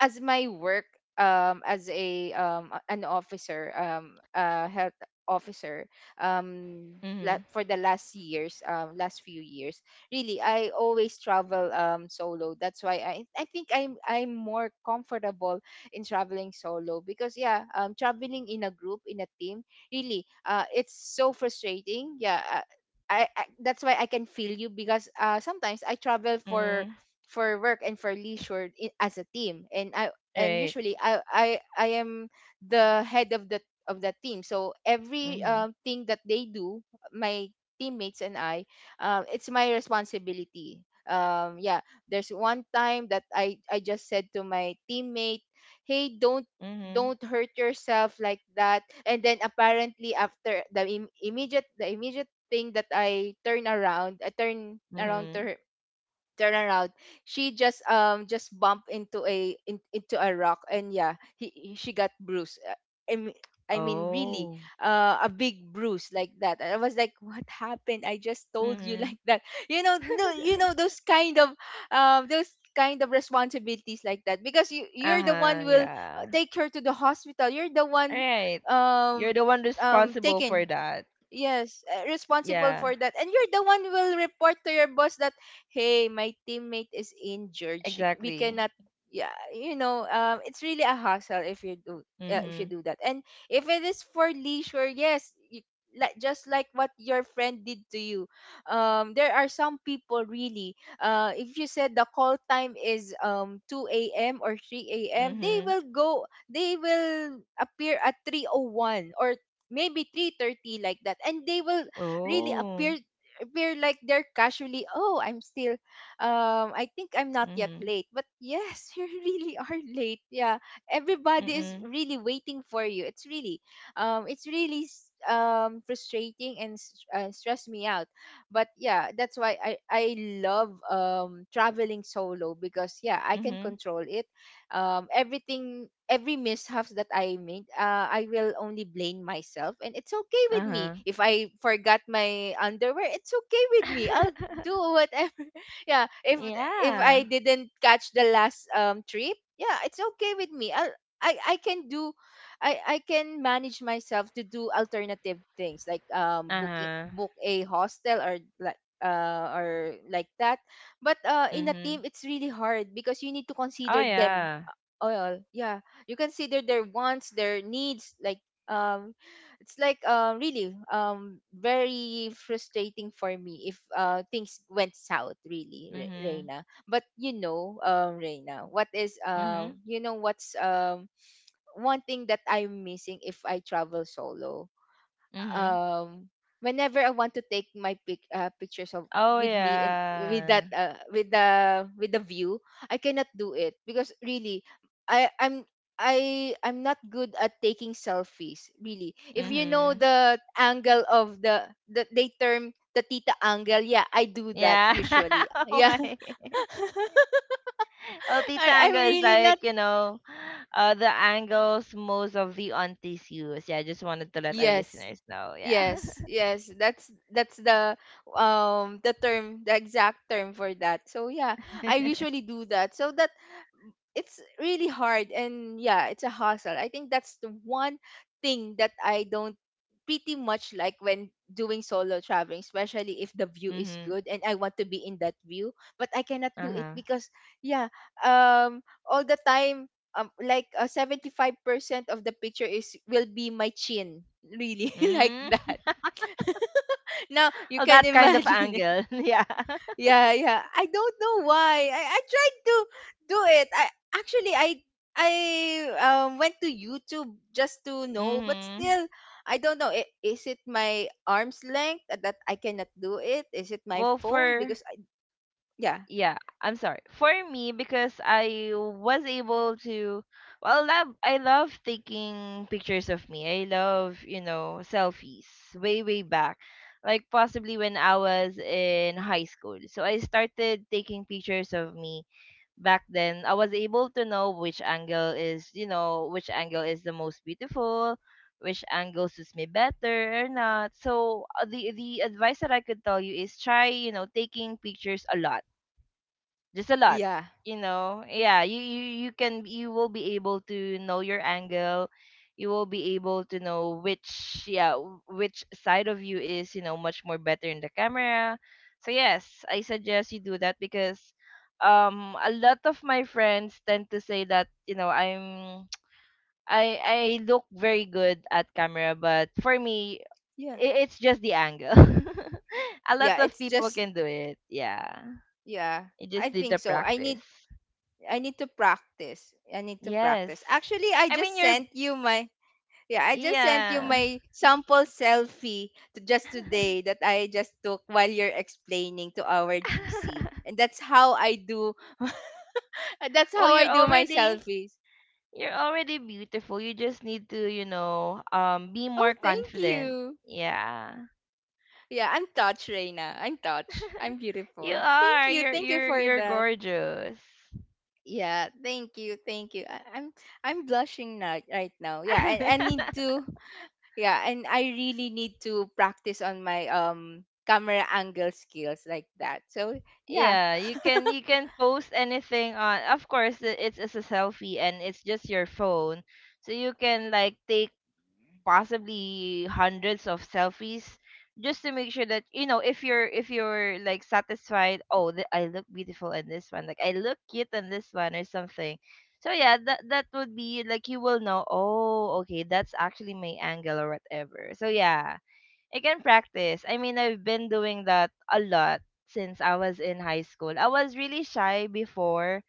Speaker 2: as my work um as a um a- an officer, um uh health officer, um la-
Speaker 1: Mm-hmm.
Speaker 2: for the last years, um last few years, really I always travel um solo. That's why I I think i'm I'm more comfortable in traveling solo because yeah um traveling in a group in a team really uh it's so frustrating. Yeah, uh, I, I that's why I can feel you because uh sometimes I travel for
Speaker 1: Mm-hmm.
Speaker 2: for work and for leisure i- as a team. And I and
Speaker 1: Right.
Speaker 2: usually I I, I am the head of the of the team so every
Speaker 1: Mm-hmm.
Speaker 2: um, thing that they do my teammates and I, um, it's my responsibility. um, yeah there's one time that i I just said to my teammate, "Hey, don't
Speaker 1: Mm-hmm.
Speaker 2: don't hurt yourself like that," and then apparently after the im- immediate the immediate thing that I turn around, i turn around to
Speaker 1: Mm-hmm.
Speaker 2: her turn around she just um just bumped into a in, into a rock and yeah he, he- she got bruised. Uh, i mean I mean, really,
Speaker 1: Oh.
Speaker 2: uh, a big bruise like that. And I was like, "What happened? I just told you
Speaker 1: Mm-hmm.
Speaker 2: like that." You know, no, you know those kind of, um, those kind of responsibilities like that because you you're the
Speaker 1: Uh-huh.
Speaker 2: one will uh,
Speaker 1: Yeah.
Speaker 2: take her to the hospital. You're the
Speaker 1: All
Speaker 2: one,
Speaker 1: right. You're
Speaker 2: um,
Speaker 1: the one
Speaker 2: um,
Speaker 1: responsible for
Speaker 2: taking
Speaker 1: that.
Speaker 2: Yes, uh, responsible
Speaker 1: Yeah.
Speaker 2: for that. And you're the one will report to your boss that hey, my teammate is injured. She, we
Speaker 1: Exactly.
Speaker 2: cannot, yeah, you know, um, it's really a hassle if you do uh, if you
Speaker 1: Mm-hmm.
Speaker 2: do that. And if it is for leisure, yes, you, like just like what your friend did to you. Um, there are some people really. Uh, if you said the call time is um two a m or three a m, they
Speaker 1: Mm-hmm.
Speaker 2: will go. They will appear at three oh one or maybe three thirty, like that, and they will really
Speaker 1: Oh.
Speaker 2: appear. We're like, they're casually, "Oh, I'm still, um I think I'm not yet
Speaker 1: Mm-hmm.
Speaker 2: late," but yes, you really are late. Yeah, everybody is
Speaker 1: Mm-mm.
Speaker 2: really waiting for you. It's really, um it's really s- um frustrating and s- uh, stress me out. But yeah, that's why i i love um traveling solo, because yeah, I can
Speaker 1: Mm-hmm.
Speaker 2: control it. Um, everything, every mishaps that I made, uh, I will only blame myself. And it's okay with me.
Speaker 1: Uh-huh.
Speaker 2: If I forgot my underwear, it's okay with me. I'll do whatever. Yeah, if if I
Speaker 1: Yeah.
Speaker 2: didn't catch the last um trip, yeah, it's okay with me. I'll, I, I can do, I, I can manage myself to do alternative things, like um booking
Speaker 1: Uh-huh.
Speaker 2: book a hostel, or like uh or like that. But uh in a team
Speaker 1: Mm-hmm.
Speaker 2: it's really hard because you need to
Speaker 1: Oh
Speaker 2: consider them.
Speaker 1: yeah.
Speaker 2: Oil yeah, you consider their wants, their needs, like um it's like, uh, really, um very frustrating for me if uh things went south, really, Re-
Speaker 1: Mm-hmm.
Speaker 2: reina. But you know, um Reina, what is um
Speaker 1: Mm-hmm.
Speaker 2: you know what's um one thing that I'm missing if I travel solo?
Speaker 1: Mm-hmm.
Speaker 2: um Whenever I want to take my pic uh, pictures of
Speaker 1: Oh
Speaker 2: with me and with that,
Speaker 1: yeah.
Speaker 2: uh, with the with the view, I cannot do it because really I I'm I I'm not good at taking selfies, really. If you know
Speaker 1: Mm-hmm.
Speaker 2: the angle of the the they term, the tita angle, yeah, I do that
Speaker 1: Yeah.
Speaker 2: usually.
Speaker 1: Oh
Speaker 2: Yeah.
Speaker 1: my. Ulti
Speaker 2: I I'm
Speaker 1: tango is
Speaker 2: really not.
Speaker 1: like, you know, uh the angles most of the aunties use. Yeah, I just wanted to let our
Speaker 2: Yes,
Speaker 1: listeners know. Yeah.
Speaker 2: yes, yes, that's that's the um the term, the exact term for that. So yeah, I usually do that, so that it's really hard. And yeah, it's a hustle. I think that's the one thing that I don't pretty much like when doing solo traveling, especially if the view is
Speaker 1: Mm-hmm.
Speaker 2: good and I want to be in that view, but I cannot do it
Speaker 1: Uh-huh.
Speaker 2: because yeah, um all the time, um like, uh, seventy-five percent of the picture is will be my chin, really. Like
Speaker 1: Mm.
Speaker 2: that. Now you
Speaker 1: Oh,
Speaker 2: can
Speaker 1: that kind of
Speaker 2: imagine it.
Speaker 1: angle. Yeah.
Speaker 2: Yeah, yeah, I don't know why. i, I tried to do it. I Actually, i i um, went to YouTube just to know, but
Speaker 1: Mm-hmm.
Speaker 2: still I don't know. I- is it my arm's length that I cannot do it? Is it my
Speaker 1: Well,
Speaker 2: phone?
Speaker 1: for
Speaker 2: Because I yeah,
Speaker 1: yeah, I'm sorry. For me, because I was able to, well love, I love taking pictures of me, I love, you know, selfies way way back, like possibly when I was in high school. So I started taking pictures of me back then. I was able to know which angle is, you know, which angle is the most beautiful, which angle suits me better or not. So uh, the the advice that I could tell you is try, you know, taking pictures a lot, just a lot,
Speaker 2: yeah,
Speaker 1: you know. Yeah, you you you can, you will be able to know your angle. You will be able to know which yeah w- which side of you is, you know, much more better in the camera. So yes, I suggest you do that because um a lot of my friends tend to say that, you know, I'm I I look very good at camera, but for me,
Speaker 2: yeah,
Speaker 1: i- it's just the angle. A lot
Speaker 2: yeah,
Speaker 1: of
Speaker 2: it's
Speaker 1: people
Speaker 2: just
Speaker 1: can do it. Yeah.
Speaker 2: yeah,
Speaker 1: You
Speaker 2: I
Speaker 1: just need
Speaker 2: think
Speaker 1: to
Speaker 2: so. i need
Speaker 1: practice.
Speaker 2: I need to practice. I need to practice.
Speaker 1: Yes.
Speaker 2: Actually, I
Speaker 1: I mean
Speaker 2: just
Speaker 1: you're
Speaker 2: sent you my yeah, I just sent you
Speaker 1: yeah.
Speaker 2: my sample selfie to just today that I just took while you're explaining to our G C. And that's how I do, that's
Speaker 1: Well,
Speaker 2: how I
Speaker 1: you're
Speaker 2: do my
Speaker 1: already
Speaker 2: selfies.
Speaker 1: you're already beautiful. You just need to, you know, um be
Speaker 2: Oh,
Speaker 1: more
Speaker 2: thank
Speaker 1: confident.
Speaker 2: you.
Speaker 1: Yeah.
Speaker 2: Yeah, I'm touched, Reina. I'm touched. I'm
Speaker 1: You
Speaker 2: beautiful. Thank
Speaker 1: are.
Speaker 2: you.
Speaker 1: You're
Speaker 2: Thank you
Speaker 1: you're
Speaker 2: for
Speaker 1: you're
Speaker 2: that.
Speaker 1: gorgeous.
Speaker 2: Yeah, thank you. Thank you. I, I'm I'm blushing now right now. Yeah, I, I need to. Yeah, and I really need to practice on my um camera angle skills, like that. So yeah,
Speaker 1: Yeah, you can you can post anything on. Of course, i- it's it's a selfie and it's just your phone. So you can like take possibly hundreds of selfies just to make sure that, you know, if you're if you're like satisfied, oh th- I look beautiful in this one, like I look cute in this one or something. So yeah, that that would be like, you will know, oh okay, that's actually my angle or whatever. So yeah, I can practice. I mean, I've been doing that a lot since I was in high school. I was really shy before,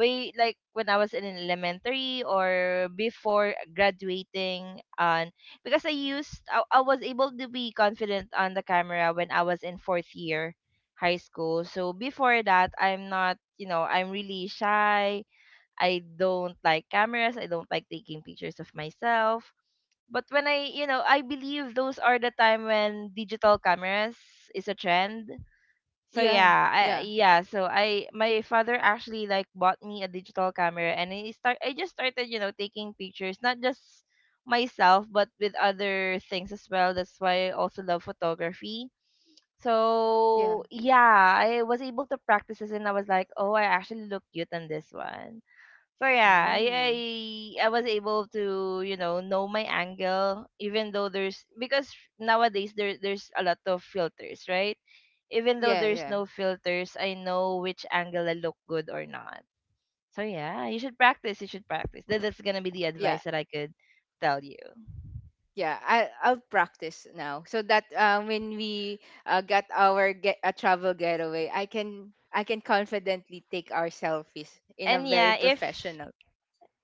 Speaker 1: way like when I was in elementary or before graduating on, because I used I, I was able to be confident on the camera when I was in fourth year high school. So before that, I'm not, you know, I'm really shy. I don't like cameras. I don't like taking pictures of myself. But when I, you know, I believe those are the time when digital cameras is a trend. So
Speaker 2: yeah,
Speaker 1: yeah, I
Speaker 2: yeah,
Speaker 1: yeah, so I, my father actually like bought me a digital camera, and I start, I just started, you know, taking pictures, not just myself but with other things as well. That's why I also love photography.
Speaker 2: yeah.
Speaker 1: So yeah, I was able to practice this and I was like, "Oh, I actually look cute on this one." So yeah, I, I
Speaker 2: Ooh,
Speaker 1: I was able to, you know know my angle, even though there's because nowadays there there's a lot of filters, right? Even though
Speaker 2: yeah,
Speaker 1: there's
Speaker 2: yeah,
Speaker 1: no filters, I know which angle I look good or not. So yeah, you should practice. You should practice. That, that's gonna be the
Speaker 2: yeah,
Speaker 1: advice that I could tell you.
Speaker 2: yeah. I I'll practice now, so that uh, when we uh, get our get a travel getaway, I can I can confidently take our selfies in a
Speaker 1: And
Speaker 2: very
Speaker 1: yeah, if
Speaker 2: professional.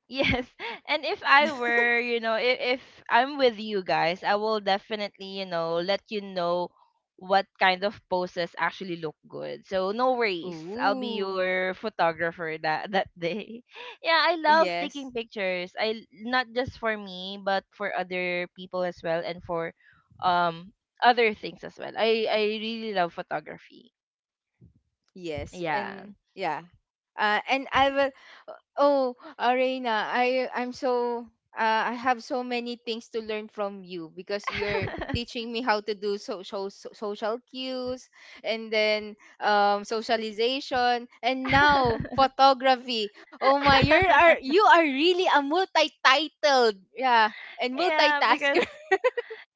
Speaker 1: yes. And if I were, you know, if, if I'm with you guys, I will definitely, you know, let you know what kind of poses actually look good. So no worries. I'll be
Speaker 2: Ooh,
Speaker 1: your photographer that that day. Yeah, I love taking
Speaker 2: yes,
Speaker 1: pictures. I not just for me, but for other people as well and for um other things as well. I I really love photography.
Speaker 2: yes,
Speaker 1: Yeah.
Speaker 2: and yeah. Uh, and I will Oh, Arena, I I'm so, uh, I have so many things to learn from you because you're teaching me how to do social so, so, social cues, and then um socialization, and now photography. Oh my, you're are you are really a multi-titled, yeah, and
Speaker 1: Yeah, because
Speaker 2: multitasker.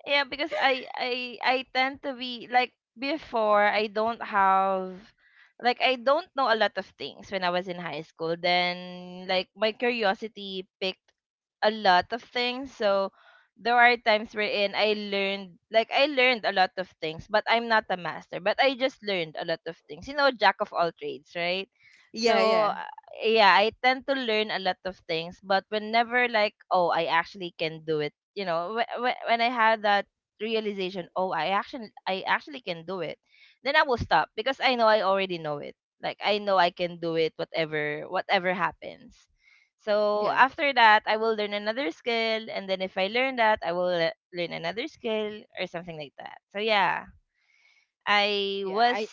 Speaker 1: yeah, because I I I tend to be like before I don't have like, I don't know a lot of things when I was in high school. Then like my curiosity picked a lot of things. So there are times wherein I learned, like I learned a lot of things, but I'm not a master, but I just learned a lot of things. You know, jack of all trades, right?
Speaker 2: Yeah,
Speaker 1: So
Speaker 2: yeah.
Speaker 1: yeah, I tend to learn a lot of things, but whenever like, oh, I actually can do it, you know, wh- wh- when I had that realization, oh, I actually I actually can do it, then I will stop because I know I already know it. Like I know I can do it whatever whatever happens. So
Speaker 2: Yeah.
Speaker 1: after that, I will learn another skill, and then if I learn that, I will le- learn another skill or something like that. So yeah. I
Speaker 2: Yeah,
Speaker 1: was
Speaker 2: I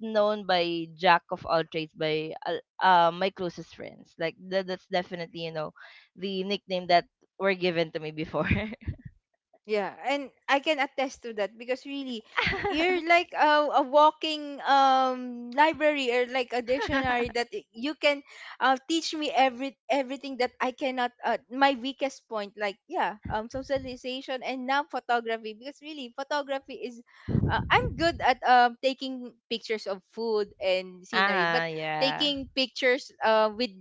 Speaker 1: known by jack of all trades by uh, uh, my closest friends. Like that, that's definitely, you know, the nickname that were given to me before.
Speaker 2: Yeah, and I can attest to that, because really, y- you're like a, a walking um library, or like a
Speaker 1: Uh-huh,
Speaker 2: dictionary, that y- you can, uh, teach me every everything that I cannot, uh, my weakest point, like, yeah, um socialization and now photography, because really, photography is, uh, I'm good at um taking pictures of food and scenery, but
Speaker 1: yeah.
Speaker 2: taking pictures uh with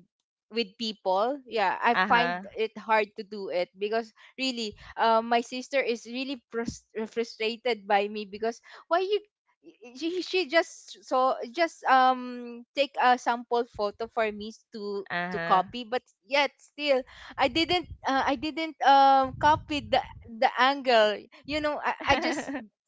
Speaker 2: with people, yeah, I find
Speaker 1: Uh-huh.
Speaker 2: it hard to do it, because really, uh, my sister is really frus- frustrated by me. Because why you, she, she just so just um take a sample photo for me to to
Speaker 1: Uh-huh.
Speaker 2: copy, but yet still, I didn't, uh, i didn't um copy the the angle. You know, i, I just,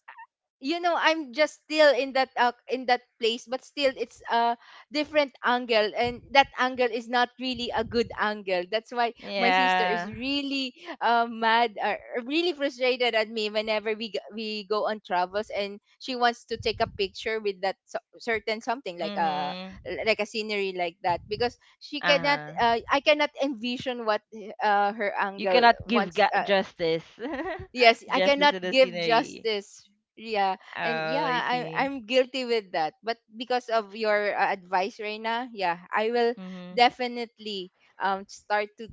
Speaker 2: you know, I'm just still in that, uh, in that place, but still it's a different angle, and that angle is not really a good angle. That's why my sister is
Speaker 1: Yeah.
Speaker 2: really, uh, mad, or really frustrated at me, whenever we g- we go on travels, and she wants to take a picture with that so- certain something, like a
Speaker 1: Mhm.
Speaker 2: like a scenery, like that, because she cannot
Speaker 1: Uh-huh.
Speaker 2: uh, I cannot envision what uh, her
Speaker 1: You
Speaker 2: angle
Speaker 1: cannot give
Speaker 2: wants,
Speaker 1: ga-
Speaker 2: uh,
Speaker 1: justice.
Speaker 2: yes, I
Speaker 1: Justice
Speaker 2: cannot
Speaker 1: to the
Speaker 2: give
Speaker 1: scenery.
Speaker 2: justice. Yeah, and
Speaker 1: Oh,
Speaker 2: yeah,
Speaker 1: I
Speaker 2: I,
Speaker 1: see.
Speaker 2: I'm guilty with that, but because of your uh, advice, Reina, yeah, I will
Speaker 1: Mhm.
Speaker 2: definitely um start to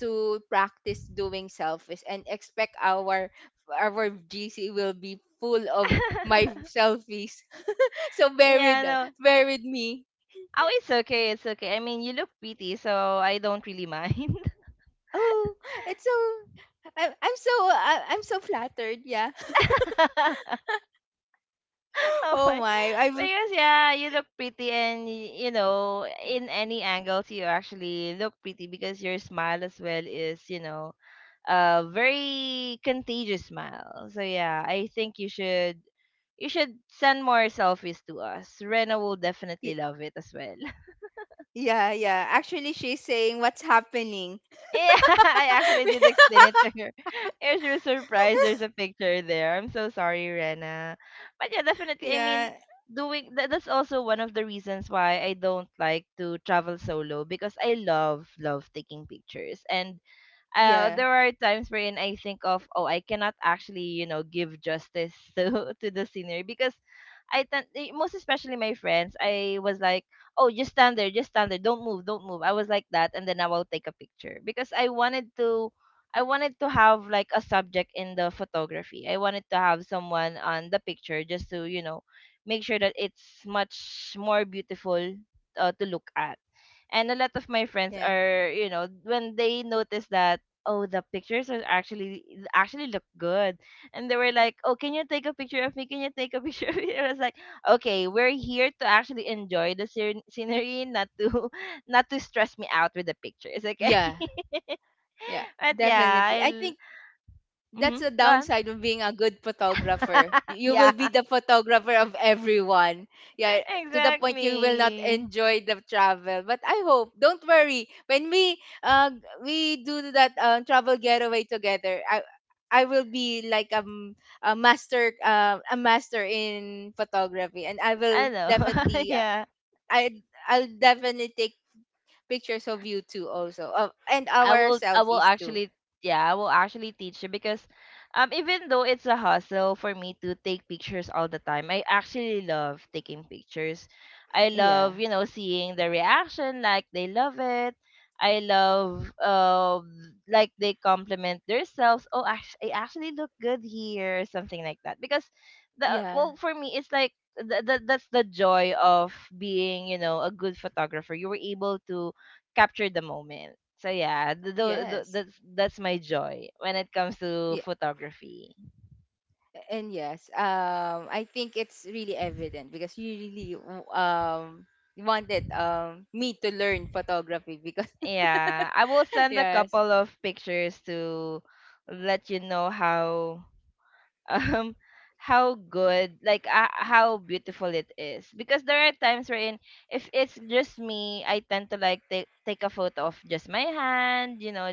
Speaker 2: to practice doing selfies, and expect our our G C will be full of my selfies. So buried,
Speaker 1: Yeah, no.
Speaker 2: buried me.
Speaker 1: Oh, it's okay. It's okay. I mean, you look pretty, so I don't really mind.
Speaker 2: Oh, it's so, i'm, I'm so, I, I'm so flattered, yeah.
Speaker 1: oh
Speaker 2: Oh
Speaker 1: my.
Speaker 2: my, I've.
Speaker 1: Because yeah, you look pretty and y- you know, in any angles you actually look pretty because your smile as well is, you know, a very contagious smile. So yeah, I think you should you should send more selfies to us. Rena will definitely love it as well.
Speaker 2: Yeah, yeah. Actually, she's saying what's happening.
Speaker 1: Yeah, I actually did explain it to her. Yeah, she was surprised there's a picture there. I'm so sorry, Rena. But yeah, definitely.
Speaker 2: Yeah,
Speaker 1: I mean,
Speaker 2: yeah,
Speaker 1: doing that, that's also one of the reasons why I don't like to travel solo because I love love taking pictures and uh,
Speaker 2: yeah,
Speaker 1: there are times wherein I think of, oh, I cannot actually, you know, give justice to to the scenery because I tend, eh, most especially my friends, I was like, oh, just stand there, just stand there, don't move, don't move. I was like that, and then I will take a picture because I wanted to. I wanted to have like a subject in the photography. I wanted to have someone on the picture just to, you know, make sure that it's much more beautiful uh, to look at, and a lot of my friends,
Speaker 2: yeah,
Speaker 1: are you know, when they notice that, oh, the pictures are actually actually look good, and they were like, oh, can you take a picture of me, can you take a picture of me. I was like, okay, we're here to actually enjoy the scen- scenery, not to not to stress me out with the pictures, okay.
Speaker 2: yeah, yeah.
Speaker 1: But yeah,
Speaker 2: Definitely. I
Speaker 1: I'll.
Speaker 2: think that's
Speaker 1: Mm-hmm,
Speaker 2: the
Speaker 1: go on.
Speaker 2: downside of being a good photographer. You
Speaker 1: Yeah.
Speaker 2: will be the photographer of everyone. Yeah, to the point you will not
Speaker 1: Exactly.
Speaker 2: enjoy the travel. But I hope, don't worry. When we, uh we do that uh, travel getaway together, I I will be like um a master, uh, a master in photography, and I
Speaker 1: I
Speaker 2: will
Speaker 1: know.
Speaker 2: definitely, uh,
Speaker 1: Yeah.
Speaker 2: I I'll definitely take pictures of you too also, uh, and
Speaker 1: I
Speaker 2: our
Speaker 1: will I will
Speaker 2: selfies too.
Speaker 1: actually yeah, I will actually teach you because um even though it's a hustle for me to take pictures all the time, I actually love taking pictures. I
Speaker 2: Yeah,
Speaker 1: love, you know, seeing the reaction, like they love it. I love, uh like, they compliment themselves. Oh, act- I actually look good here, something like that. Because the,
Speaker 2: yeah,
Speaker 1: well, for me it's like the, the, that's the joy of being, you know, a good photographer. You were able to capture the moment. So yeah, th- tho- tho-
Speaker 2: yes.
Speaker 1: that's that's my joy when it comes to
Speaker 2: Yeah.
Speaker 1: photography.
Speaker 2: And yes, um, I think it's really evident because you really, w- um wanted um me to learn photography, because
Speaker 1: Yeah, I will send a
Speaker 2: yes,
Speaker 1: couple of pictures to let you know how um how good, like, uh, how beautiful it is, because there are times wherein if it's just me, I tend to like take take a photo of just my hand, you know.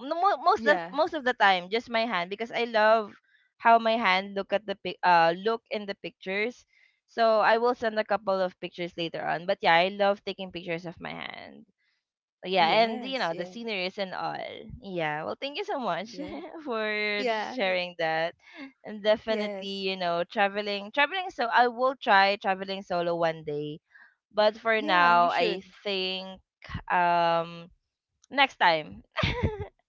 Speaker 1: No, mo- most of,
Speaker 2: yeah,
Speaker 1: most of the time just my hand, because I love how my hand look at the pic uh look in the pictures. So I will send a couple of pictures later on, but yeah, I love taking pictures of my hand, yeah, and you
Speaker 2: yes,
Speaker 1: know, the
Speaker 2: yeah,
Speaker 1: sceneries and all. Yeah, well, thank you so much
Speaker 2: yeah,
Speaker 1: for
Speaker 2: yeah, y-
Speaker 1: sharing that. And
Speaker 2: yes,
Speaker 1: definitely, you know, traveling, traveling. So I will try traveling solo one day, but for
Speaker 2: yeah.
Speaker 1: now,
Speaker 2: You should.
Speaker 1: I think um next time.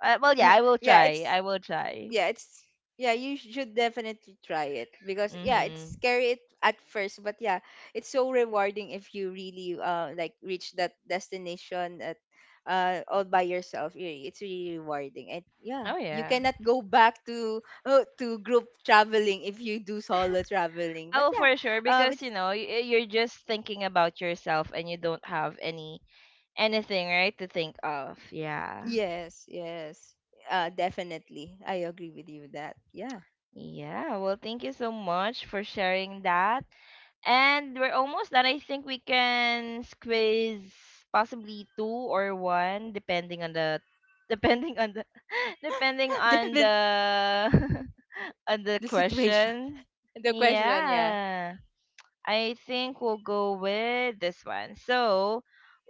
Speaker 1: Uh, well, yeah, I will
Speaker 2: yeah,
Speaker 1: try.
Speaker 2: it's
Speaker 1: I will try.
Speaker 2: yeah, it's yeah, you should definitely try it, because yeah, it's
Speaker 1: Mhm.
Speaker 2: scary it at first, but yeah, it's so rewarding if you really, uh like, reach that destination at uh all by yourself. Really, it's really rewarding. And yeah,
Speaker 1: Oh
Speaker 2: you
Speaker 1: yeah.
Speaker 2: cannot go back to uh, to group traveling if you do solo traveling. But
Speaker 1: Oh,
Speaker 2: yeah,
Speaker 1: for sure.
Speaker 2: um
Speaker 1: Because
Speaker 2: it's
Speaker 1: you know, y- you're just thinking about yourself, and you don't have any anything right to think of. Yeah.
Speaker 2: yes, yes. Uh definitely. I agree with you with that. Yeah.
Speaker 1: Yeah, well, thank you so much for sharing that. And we're almost done. I think we can squeeze possibly two or one, depending on the, depending on the, depending
Speaker 2: the,
Speaker 1: on
Speaker 2: the
Speaker 1: the, on the
Speaker 2: the situation.
Speaker 1: question.
Speaker 2: The question, yeah.
Speaker 1: Yeah, I think we'll go with this one. So,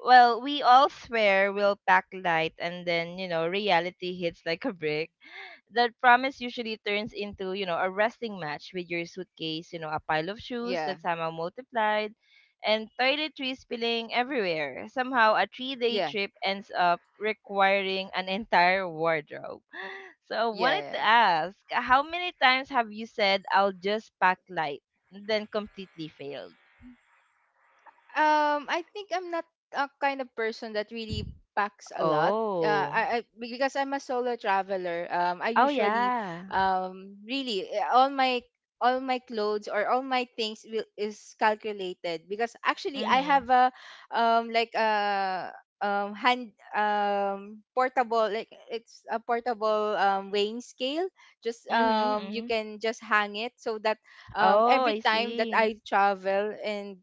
Speaker 1: well, we all swear we'll pack light, and then, you know, reality hits like a brick. That promise usually turns into, you know, a wrestling match with your suitcase, you know, a pile of shoes
Speaker 2: Yeah.
Speaker 1: that somehow multiplied, and toiletries spilling everywhere. Somehow, a three day
Speaker 2: Yeah.
Speaker 1: trip ends up requiring an entire wardrobe. So, I
Speaker 2: Yeah,
Speaker 1: wanted to
Speaker 2: yeah.
Speaker 1: ask, how many times have you said, I'll just pack light, then completely failed?
Speaker 2: Um, I think I'm not a kind of person that really packs a lot. Uh,
Speaker 1: Oh.
Speaker 2: I, I Because I'm a solo traveler. Um, I
Speaker 1: Oh,
Speaker 2: usually,
Speaker 1: yeah.
Speaker 2: um really, eh, all my all my clothes or all my things will is calculated, because actually
Speaker 1: Mm
Speaker 2: I
Speaker 1: hmm.
Speaker 2: have a, um like a, um hand, um portable, like, it's a portable, um weighing scale. Just,
Speaker 1: Mm hmm.
Speaker 2: um
Speaker 1: Mm
Speaker 2: you
Speaker 1: hmm.
Speaker 2: can just hang it, so that um,
Speaker 1: Oh,
Speaker 2: every
Speaker 1: I
Speaker 2: time that
Speaker 1: see.
Speaker 2: I travel and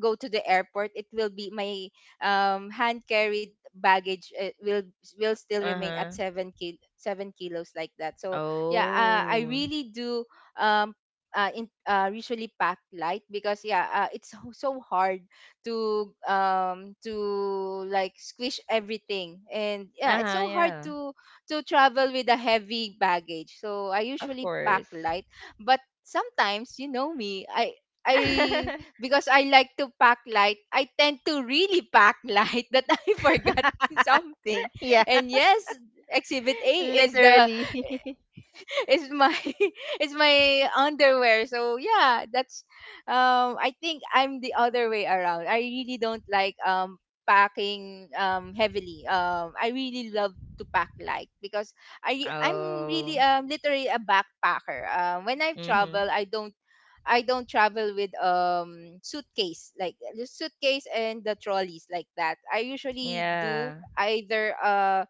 Speaker 2: go to the airport, it will be my, um, hand carried baggage uh, will will still
Speaker 1: Uh
Speaker 2: remain
Speaker 1: huh.
Speaker 2: at seven kil- seven kilos, like that. So yeah, uh, I
Speaker 1: Oh.
Speaker 2: really do, um, uh, in, uh, usually pack light, because yeah, uh, it's so so hard to um to like squish everything, and yeah, it's
Speaker 1: Uh-huh,
Speaker 2: so hard
Speaker 1: yeah.
Speaker 2: to to travel with a heavy baggage. So I
Speaker 1: Of
Speaker 2: usually pack
Speaker 1: course.
Speaker 2: light, but sometimes you know me, I I, because I like to pack light, I tend to really pack light that I forgot something.
Speaker 1: Yeah,
Speaker 2: And yes, exhibit A is the,
Speaker 1: literally.
Speaker 2: is my, is my underwear. So yeah, that's um I think I'm the other way around. I really don't like um packing um heavily. Um I really love to pack light, because I I'm really,
Speaker 1: Oh.
Speaker 2: um literally, a backpacker. Um when I
Speaker 1: Mhm.
Speaker 2: travel, I don't I don't travel with, um suitcase, like the suitcase and the trolleys, like that. I usually do
Speaker 1: Yeah.
Speaker 2: either, uh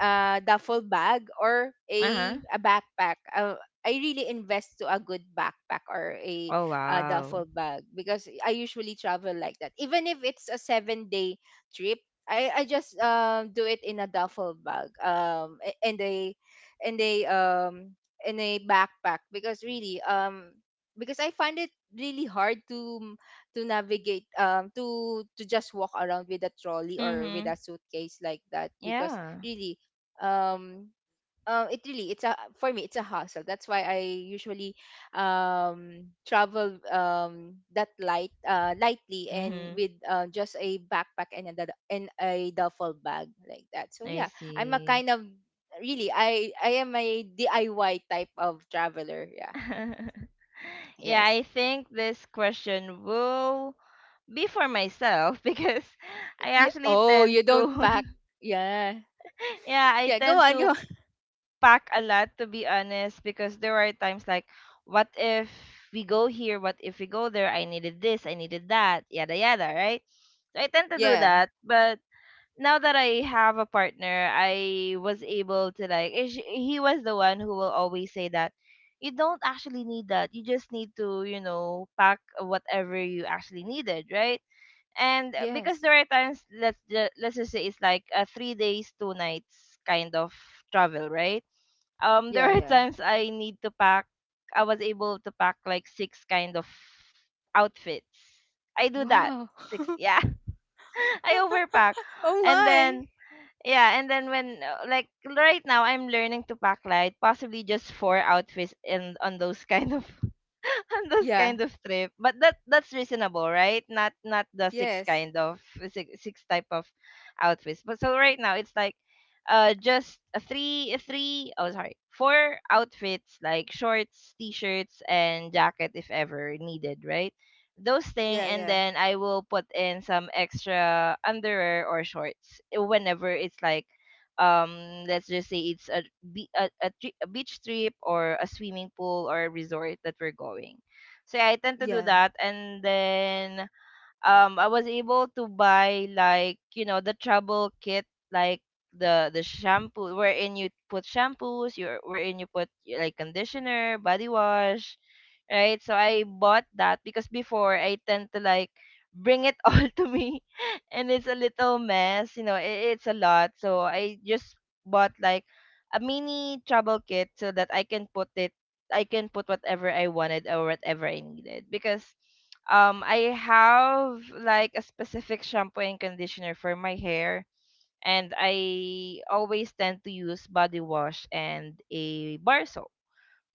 Speaker 2: uh, duffel bag, or
Speaker 1: Uh-huh.
Speaker 2: a, a backpack. Uh, I really invest to a good backpack or a,
Speaker 1: Oh,
Speaker 2: uh,
Speaker 1: wow.
Speaker 2: duffel bag, because I usually travel like that. Even if it's a seven day trip, I, I just, um, do it in a duffel bag, um, a- and a and a, um, in a backpack, because really, um because I find it really hard to mm, to navigate, um to to just walk around with a trolley or with
Speaker 1: Mhm.
Speaker 2: a suitcase, like that, because
Speaker 1: Yeah.
Speaker 2: really, um uh, it really, it's a for me it's a hassle, that's why I usually, um travel, um that light uh lightly, and
Speaker 1: Mhm.
Speaker 2: with uh, just a backpack, and a dud- and a duffel bag, like that, so
Speaker 1: I
Speaker 2: yeah, I'm a
Speaker 1: see.
Speaker 2: kind of, really, i i am a D I Y type of traveler, yeah.
Speaker 1: Yeah, I
Speaker 2: Yes.
Speaker 1: think this question will be for myself because I
Speaker 2: Yeah.
Speaker 1: actually
Speaker 2: Oh,
Speaker 1: tend
Speaker 2: you don't
Speaker 1: to.
Speaker 2: pack. Yeah,
Speaker 1: Yeah, I
Speaker 2: yeah, go
Speaker 1: tend
Speaker 2: on, go
Speaker 1: to
Speaker 2: on.
Speaker 1: pack a lot, to be honest, because there are times like, what if we go here, what if we go there, I needed this, I needed that, yada yada, right? So I tend to do
Speaker 2: Yeah,
Speaker 1: that. But now that I have a partner, I was able to like, eh, sh- he was the one who will always say that you don't actually need that, you just need to, you know, pack whatever you actually needed, right? And uh, because
Speaker 2: yes,
Speaker 1: there are times, let's just, let's just say it's like a three days two nights kind of travel, right? um there
Speaker 2: yeah,
Speaker 1: are
Speaker 2: yeah,
Speaker 1: times I need to pack I was able to pack like six kind of outfits. I do that.
Speaker 2: wow.
Speaker 1: Six, yeah. I overpack.
Speaker 2: Oh
Speaker 1: And
Speaker 2: my.
Speaker 1: then yeah, and then when, uh, like, right now I'm learning to pack light, possibly just four outfits in on those kind of on those
Speaker 2: Yeah.
Speaker 1: kind of trip. But that, that's reasonable, right? Not not the six
Speaker 2: Yes.
Speaker 1: kind of six, six type of outfits. But so right now it's like uh just a three three oh, sorry, four outfits, like shorts, t-shirts, and jacket if ever needed, right? Those thing,
Speaker 2: Yeah,
Speaker 1: and
Speaker 2: yeah.
Speaker 1: then I will put in some extra underwear or shorts, eh, whenever it's like, um let's just say it's a, be- a, a, tri- a beach trip or a swimming pool or a resort that we're going. So yeah, I tend to do
Speaker 2: Yeah.
Speaker 1: that, and then um I was able to buy, like, you know, the travel kit, like the the shampoo wherein you put shampoos, your wherein you put like conditioner, body wash, right? So I bought that, because before I tend to like bring it all to me, and it's a little mess, you know, it, it's a lot. So I just bought like a mini travel kit so that I can put it I can put whatever I wanted or whatever I needed, because um I have like a specific shampoo and conditioner for my hair, and I always tend to use body wash and a bar soap.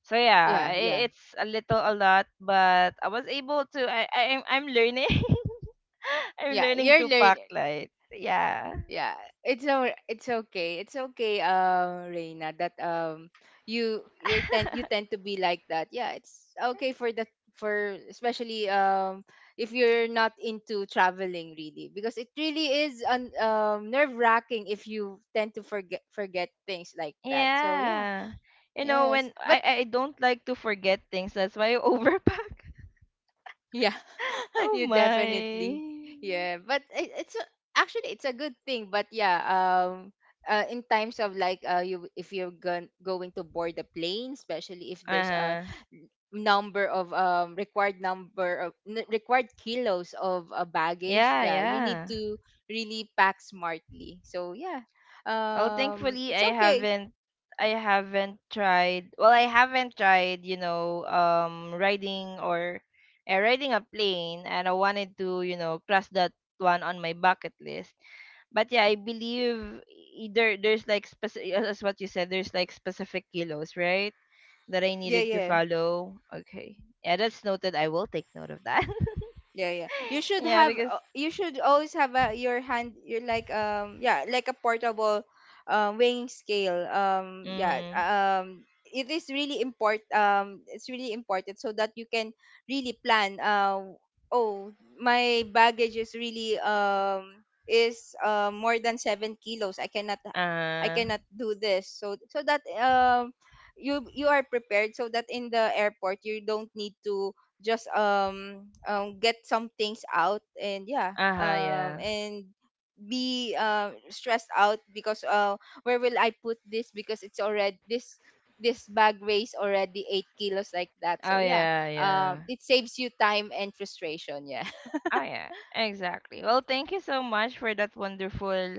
Speaker 1: So yeah,
Speaker 2: Yeah, yeah.
Speaker 1: i- it's a little a lot, but I was able to, I, I I'm I'm learning. I'm
Speaker 2: Yeah,
Speaker 1: learning
Speaker 2: you're
Speaker 1: to pack
Speaker 2: learning.
Speaker 1: light. Yeah.
Speaker 2: Yeah. It's all, it's okay. It's okay, um, Reina, that um you you are tend you tend to be like that. Yeah, it's okay for, the for especially, um if you're not into traveling really, because it really is, un, um nerve-wracking, if you tend to forget forget things like that. So, yeah.
Speaker 1: Yeah. You know,
Speaker 2: Yes.
Speaker 1: when
Speaker 2: But,
Speaker 1: I, I don't like to forget things, that's why I overpack.
Speaker 2: yeah,
Speaker 1: Oh
Speaker 2: you definitely.
Speaker 1: my.
Speaker 2: Yeah, but, it, it's a, actually it's a good thing. But yeah, um, uh, in times of like, uh, you if you're, gon- going to board the plane, especially if there's a,
Speaker 1: Uh-huh.
Speaker 2: n- number of, um required number of, n- required kilos of, uh, baggage,
Speaker 1: Yeah,
Speaker 2: yeah, you need
Speaker 1: yeah.
Speaker 2: to really pack smartly. So yeah,
Speaker 1: Well,
Speaker 2: um,
Speaker 1: thankfully
Speaker 2: it's
Speaker 1: I
Speaker 2: okay.
Speaker 1: haven't. I haven't tried. Well, I haven't tried, you know, um riding or uh, riding a plane, and I wanted to, you know, cross that one on my bucket list. But yeah, I believe either there's like specific, as what you said, there's like specific kilos, right? That I
Speaker 2: Yeah,
Speaker 1: needed to
Speaker 2: yeah.
Speaker 1: follow. Okay. Yeah, that's noted. I will take note of that.
Speaker 2: Yeah, yeah. You should
Speaker 1: Yeah,
Speaker 2: have
Speaker 1: because
Speaker 2: uh, you should always have, a, your, hand your like um yeah, like a portable, um weighing scale. Um yeah,
Speaker 1: mhm.
Speaker 2: um it is really important, um it's really important, so that you can really plan. Uh oh, my baggage is really, um is uh, more than seven kilos. I cannot I
Speaker 1: Uh,
Speaker 2: cannot do this. So so that um you you are prepared so that in the airport you don't need to just um, um get some things out and yeah,
Speaker 1: uh-huh,
Speaker 2: um
Speaker 1: yeah.
Speaker 2: and be uh, stressed out because uh where will I put this because it's already this this bag weighs already eight kilos like that,
Speaker 1: Oh
Speaker 2: so yeah,
Speaker 1: yeah,
Speaker 2: um
Speaker 1: yeah.
Speaker 2: it saves you time and frustration. Yeah.
Speaker 1: Oh yeah, exactly. Well, thank you so much for that wonderful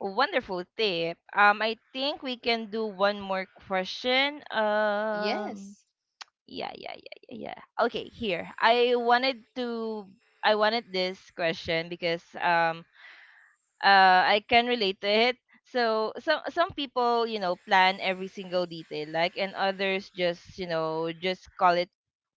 Speaker 1: wonderful tip. Um I think we can do one more question. Um
Speaker 2: Yes.
Speaker 1: yeah, yeah, yeah, yeah, yeah. Okay, here. I wanted to I wanted this question because um uh I can relate to it. So some some people, you know, plan every single detail, like, and others just, you know, just call it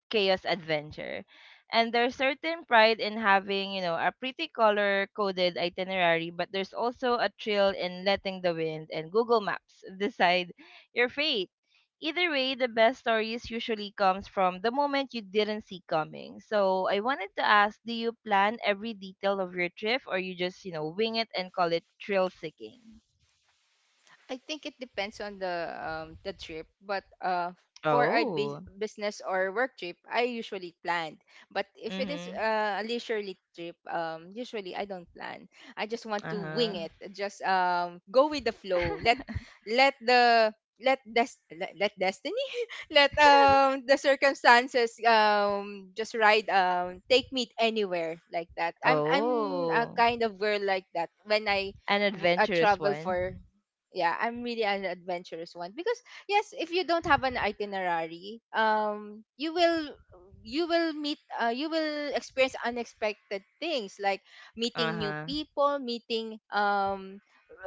Speaker 1: chaos adventure. And there's certain pride in having, you know, a pretty color coded itinerary, but there's also a thrill in letting the wind and Google Maps decide your fate. Either way, the best stories usually comes from the moment you didn't see coming. So I wanted to ask, do you plan every detail of your trip, or you just, you know, wing it and call it thrill seeking?
Speaker 2: I think it depends on the um the trip, but uh for a bus-
Speaker 1: Oh.
Speaker 2: business or work trip, I usually plan. But if it is
Speaker 1: Mm-hmm.
Speaker 2: uh, a leisurely trip, um usually I don't plan. I just want to
Speaker 1: Uh-huh.
Speaker 2: wing it. Just um go with the flow. Let let the let des- let, let destiny let um the circumstances um just ride, um take me anywhere like that. I'm i'm a
Speaker 1: Oh.
Speaker 2: kind of girl like that. when i,
Speaker 1: An
Speaker 2: w- uh,
Speaker 1: adventurous
Speaker 2: travel
Speaker 1: one.
Speaker 2: for, yeah, I'm really an adventurous one because yes, if you don't have an itinerary, um you will you will meet uh, you will experience unexpected things like meeting new
Speaker 1: Uh-huh.
Speaker 2: people, meeting um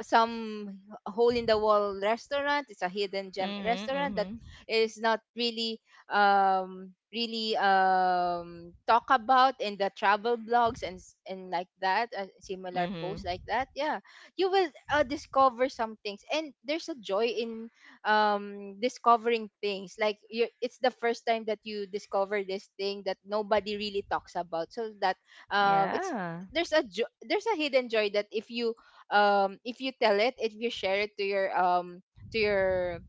Speaker 2: some hole in the wall restaurant. It's a hidden gem
Speaker 1: Mhm,
Speaker 2: restaurant that
Speaker 1: mhm.
Speaker 2: is not really um really um talk about in the travel blogs and s- and like that, uh, similar posts
Speaker 1: Mhm.
Speaker 2: like that. Yeah, you will uh, discover some things, and there's a joy in um discovering things. Like you, it's the first time that you discover this thing that nobody really talks about, so that um it's
Speaker 1: Yeah.
Speaker 2: there's a jo- there's a hidden joy that if you um if you tell it, if you share it to your um to your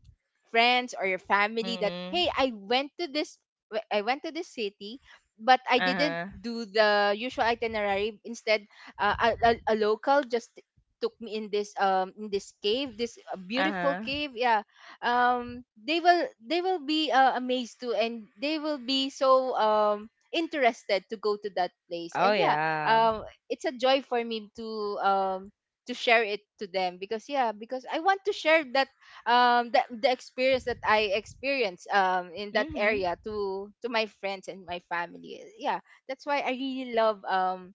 Speaker 2: friends or your family that
Speaker 1: Mhm.
Speaker 2: hey, I went to this w- I went to this city, but I didn't
Speaker 1: Uh-huh.
Speaker 2: do the usual itinerary. Instead, uh, a, a, a local just took me in this um in this cave, this uh, beautiful
Speaker 1: Uh-huh.
Speaker 2: cave. Yeah, um they will they will be uh, amazed too, and they will be so um interested to go to that place.
Speaker 1: Oh
Speaker 2: And yeah,
Speaker 1: yeah.
Speaker 2: um it's a joy for me to um to share it to them, because yeah, because I want to share that um the, the experience that I experienced um in that
Speaker 1: Mhm.
Speaker 2: area to to my friends and my family. Yeah, that's why I really love um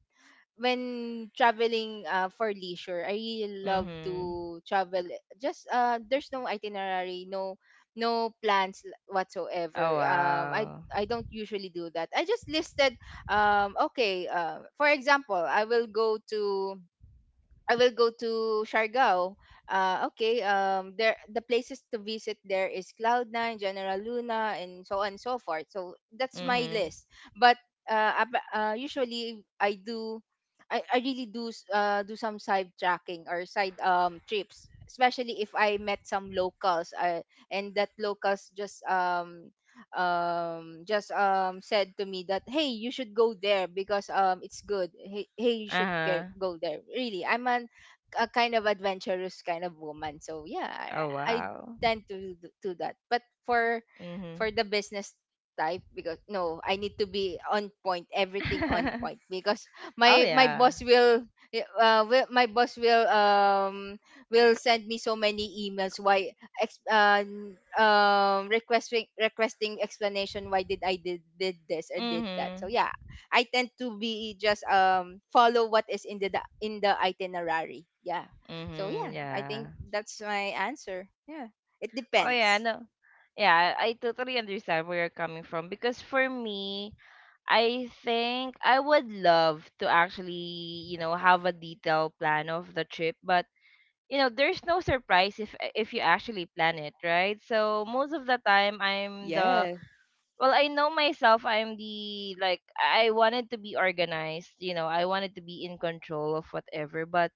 Speaker 2: when traveling uh, for leisure. I really love
Speaker 1: Mhm.
Speaker 2: to travel. Just uh, there's no itinerary, no no plans l- whatsoever.
Speaker 1: Oh
Speaker 2: Um, I
Speaker 1: wow.
Speaker 2: I don't usually do that. I just listed um okay. Uh, for example, I will go to I will go to Siargao. Uh, okay, um, there the places to visit there is Cloud Nine, General Luna, and so on and so forth. So that's my
Speaker 1: Mhm.
Speaker 2: list. But uh, ab- uh usually I do, I, I really do s- uh do some side tracking or side um trips, especially if I met some locals. Uh, and that locals just um um just um said to me that hey, you should go there because um it's good. Hey, hey, you should get,
Speaker 1: Uh-huh.
Speaker 2: go there. Really, i'm an, a kind of adventurous kind of woman, so yeah.
Speaker 1: Oh
Speaker 2: i, I
Speaker 1: wow.
Speaker 2: tend to d- do that. But for
Speaker 1: Mhm.
Speaker 2: for the business type, because no, I need to be on point, everything on point, because
Speaker 1: Oh
Speaker 2: my my
Speaker 1: yeah.
Speaker 2: boss will uh will, my boss will um will send me so many emails, why ex- uh, n- um requesting requesting explanation why did I did, did this or did that. So
Speaker 1: Mhm.
Speaker 2: yeah, I tend to be just um follow what is in the the- in the itinerary. Yeah. So
Speaker 1: Mhm.
Speaker 2: yeah, I
Speaker 1: Yeah.
Speaker 2: think that's my answer. Yeah. It
Speaker 1: Oh yeah,
Speaker 2: depends.
Speaker 1: no. Yeah, I I totally understand where you're coming from, because for me, I think I would love to actually, you know, have a detailed plan of the trip, but you know, there's no surprise if if you actually plan it, right? So most of the time I'm the—
Speaker 2: Yes.
Speaker 1: well, I know myself, I'm the— like I wanted to be organized, you know, I wanted to be in control of whatever, but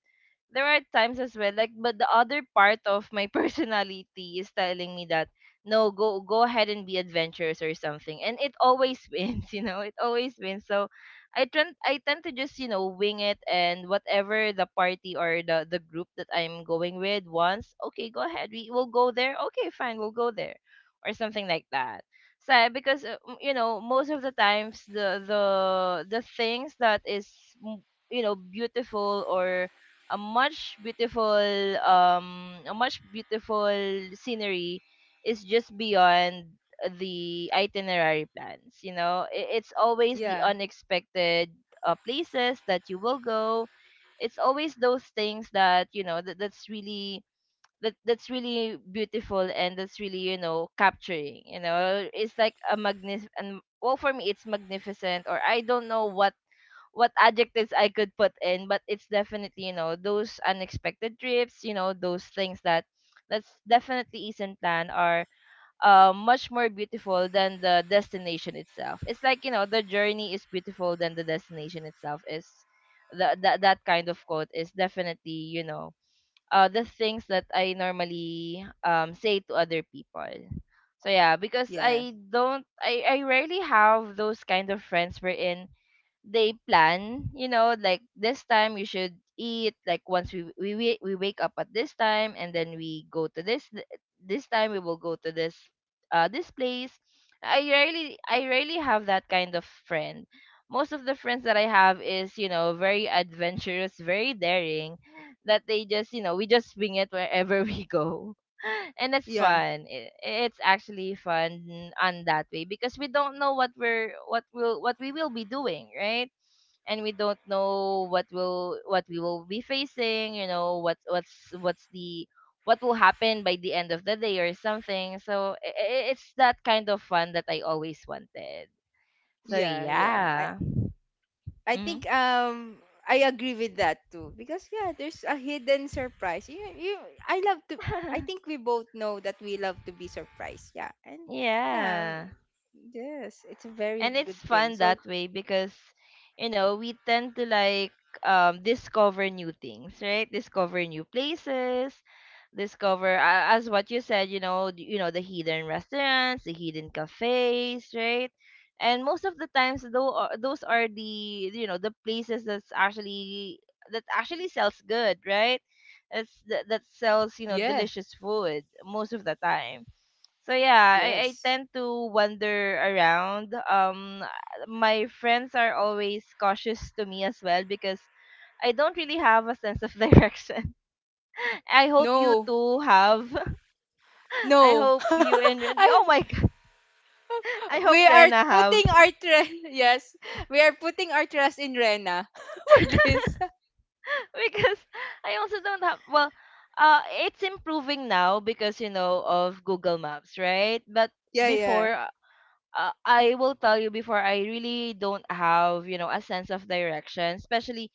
Speaker 1: there are times as well like but the other part of my personality is telling me that no, go go ahead and be adventurous or something and it always wins, you know, it always wins. So i tend i tend to just, you know, wing it and whatever the party or the the group that I'm going with wants, okay go ahead, we will go there, okay fine, we'll go there or something like that. So because uh, m- you know, most of the times the the the things that is m- you know, beautiful or a much beautiful um a much beautiful scenery is just beyond the itinerary plans, you know, I- it's always the
Speaker 2: Yeah.
Speaker 1: unexpected uh, places that you will go. It's always those things that you know that, that's really that that's really beautiful and that's really, you know, capturing, you know, it's like a magnif— and well, for me it's magnificent or I don't know what what adjectives I could put in, but it's definitely, you know, those unexpected trips, you know, those things that that's definitely isn't planned are uh, much more beautiful than the destination itself. It's like, you know, the journey is beautiful than the destination itself is the, that that kind of quote is definitely, you know, uh, the things that I normally um, say to other people. So yeah, because
Speaker 2: Yes.
Speaker 1: I don't I, I rarely have those kind of friends wherein they plan, you know, like this time you should eat, like once we we we we wake up at this time and then we go to this th- this time we will go to this uh this place. I rarely I rarely have that kind of friend. Most of the friends that I have is, you know, very adventurous, very daring, that they just, you know, we just wing it wherever we go. And it's
Speaker 2: Yeah. Yeah.
Speaker 1: fun. I- It's actually fun on that way because we don't know what we're what will what we will be doing, right? And we don't know what will what we will be facing. You know what what's what's the what will happen by the end of the day or something. So i- i- it's that kind of fun that I always wanted. So
Speaker 2: Yeah. Yeah. I,
Speaker 1: yeah.
Speaker 2: I
Speaker 1: Mhm.
Speaker 2: think um I agree with that too, because yeah, there's a hidden surprise. You, you I love to I think we both know that we love to be surprised. Yeah. And yeah,
Speaker 1: yeah.
Speaker 2: yes, it's a very
Speaker 1: And it's
Speaker 2: good thing.
Speaker 1: fun
Speaker 2: So,
Speaker 1: that way because you know we tend to like um discover new things, right, discover new places, discover uh, as what you said, you know, d- you know, the hidden restaurants, the hidden cafes, right? And most of the times though uh, those are the, you know, the places that's actually that actually sells good, right? It's that, that sells, you know,
Speaker 2: yeah,
Speaker 1: delicious food most of the time. So yeah, I, I
Speaker 2: yes.
Speaker 1: tend to wander around. Um, my friends are always cautious to me as well because I don't really have a sense of direction. I hope you
Speaker 2: No.
Speaker 1: too have. I
Speaker 2: No.
Speaker 1: hope you and
Speaker 2: I,
Speaker 1: oh my god, I
Speaker 2: we
Speaker 1: hope
Speaker 2: are
Speaker 1: Rena have
Speaker 2: putting our trust yes, we are putting our trust in Rena for this.
Speaker 1: because I also don't have. Well, uh, it's improving now because you know of Google Maps, right? But
Speaker 2: Yeah, yeah.
Speaker 1: before uh, I will tell you before I really don't have, you know, a sense of direction, especially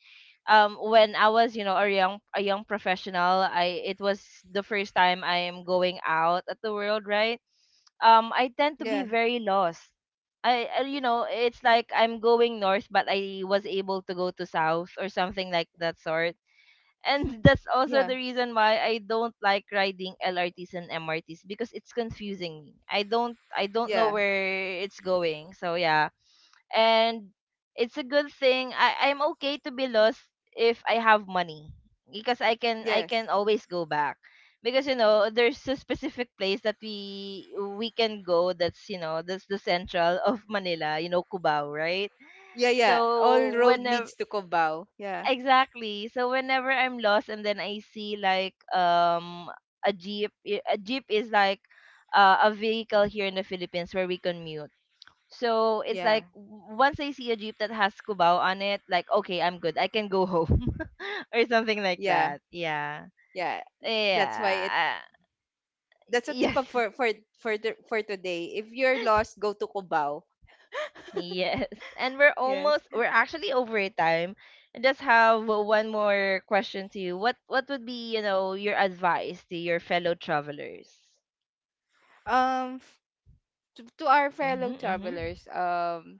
Speaker 1: um when I was, you know, a young a young professional. I— it was the first time I am going out at the world, right? Um, I tend to be
Speaker 2: Yeah.
Speaker 1: very lost. I uh, you know, it's like I'm going north, but I was able to go to south or something like that sort, and that's also the
Speaker 2: Yeah.
Speaker 1: reason why I don't like riding L R Ts and M R Ts because it's confusing me. I don't I don't know
Speaker 2: Yeah.
Speaker 1: where it's going. So yeah. And it's a good thing I I'm okay to be lost if I have money because I can I
Speaker 2: Yes.
Speaker 1: can always go back. Because you know, there's a specific place that we we can go that's, you know, that's the central of Manila, you know, Cubao, right?
Speaker 2: Yeah, yeah. All
Speaker 1: So
Speaker 2: road
Speaker 1: whenever—
Speaker 2: leads to Cubao. Yeah.
Speaker 1: exactly. So whenever I'm lost and then I see like um a jeep, i- a jeep is like uh, a vehicle here in the Philippines where we commute. So it's
Speaker 2: Yeah,
Speaker 1: like w- once I see a jeep that has Cubao on it, like okay, I'm good. I can go home or something like
Speaker 2: yeah,
Speaker 1: that. Yeah.
Speaker 2: yeah. That's why it.
Speaker 1: Yeah. uh,
Speaker 2: That's a tip of
Speaker 1: yes.
Speaker 2: for for for the, for today. If you're lost, go to Cubao.
Speaker 1: Yes, and we're
Speaker 2: Yes.
Speaker 1: almost we're actually over time. I just have one more question to you. What what would be, you know, your advice to your fellow travelers?
Speaker 2: Um, f- to, to our fellow
Speaker 1: Mhm, mhm.
Speaker 2: travelers. Um,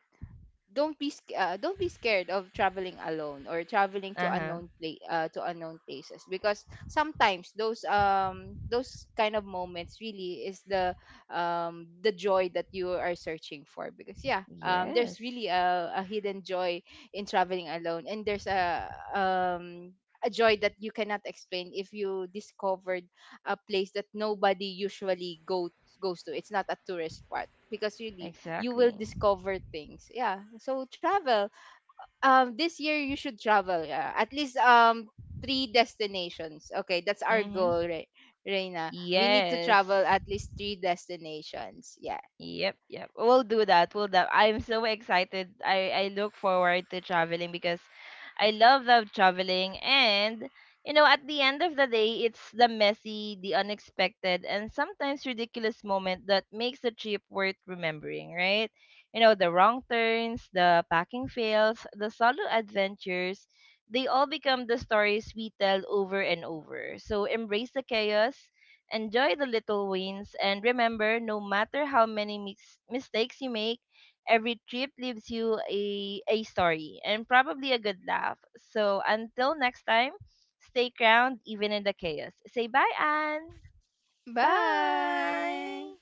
Speaker 2: don't be sc- uh, don't be scared of traveling alone or traveling to
Speaker 1: Uh huh.
Speaker 2: unknown place, uh, to unknown places, because sometimes those um those kind of moments really is the um the joy that you are searching for. Because yeah, um
Speaker 1: Yes,
Speaker 2: there's really a, a hidden joy in traveling alone. And there's a um a joy that you cannot explain if you discovered a place that nobody usually go goes to. It's not a tourist spot, because really you will
Speaker 1: exactly.
Speaker 2: discover things. Yeah. So travel. Um this year you should travel. Yeah. At least um three destinations. Okay, that's our
Speaker 1: Mhm.
Speaker 2: goal, Re- Reina. We need to
Speaker 1: Yes.
Speaker 2: travel at least three destinations. Yeah.
Speaker 1: Yep, yep. We'll do that. We'll that. I'm so excited. I I look forward to traveling because I love love traveling, and you know at the end of the day it's the messy, the unexpected and sometimes ridiculous moment that makes the trip worth remembering, right? You know, the wrong turns, the packing fails, the solo adventures, they all become the stories we tell over and over. So embrace the chaos. Enjoy the little wins and remember no matter how many mis- mistakes you make, every trip leaves you a, a story and probably a good laugh. So until next time, stay crowned even in the chaos. Say bye, Anne.
Speaker 2: Bye.
Speaker 1: Bye.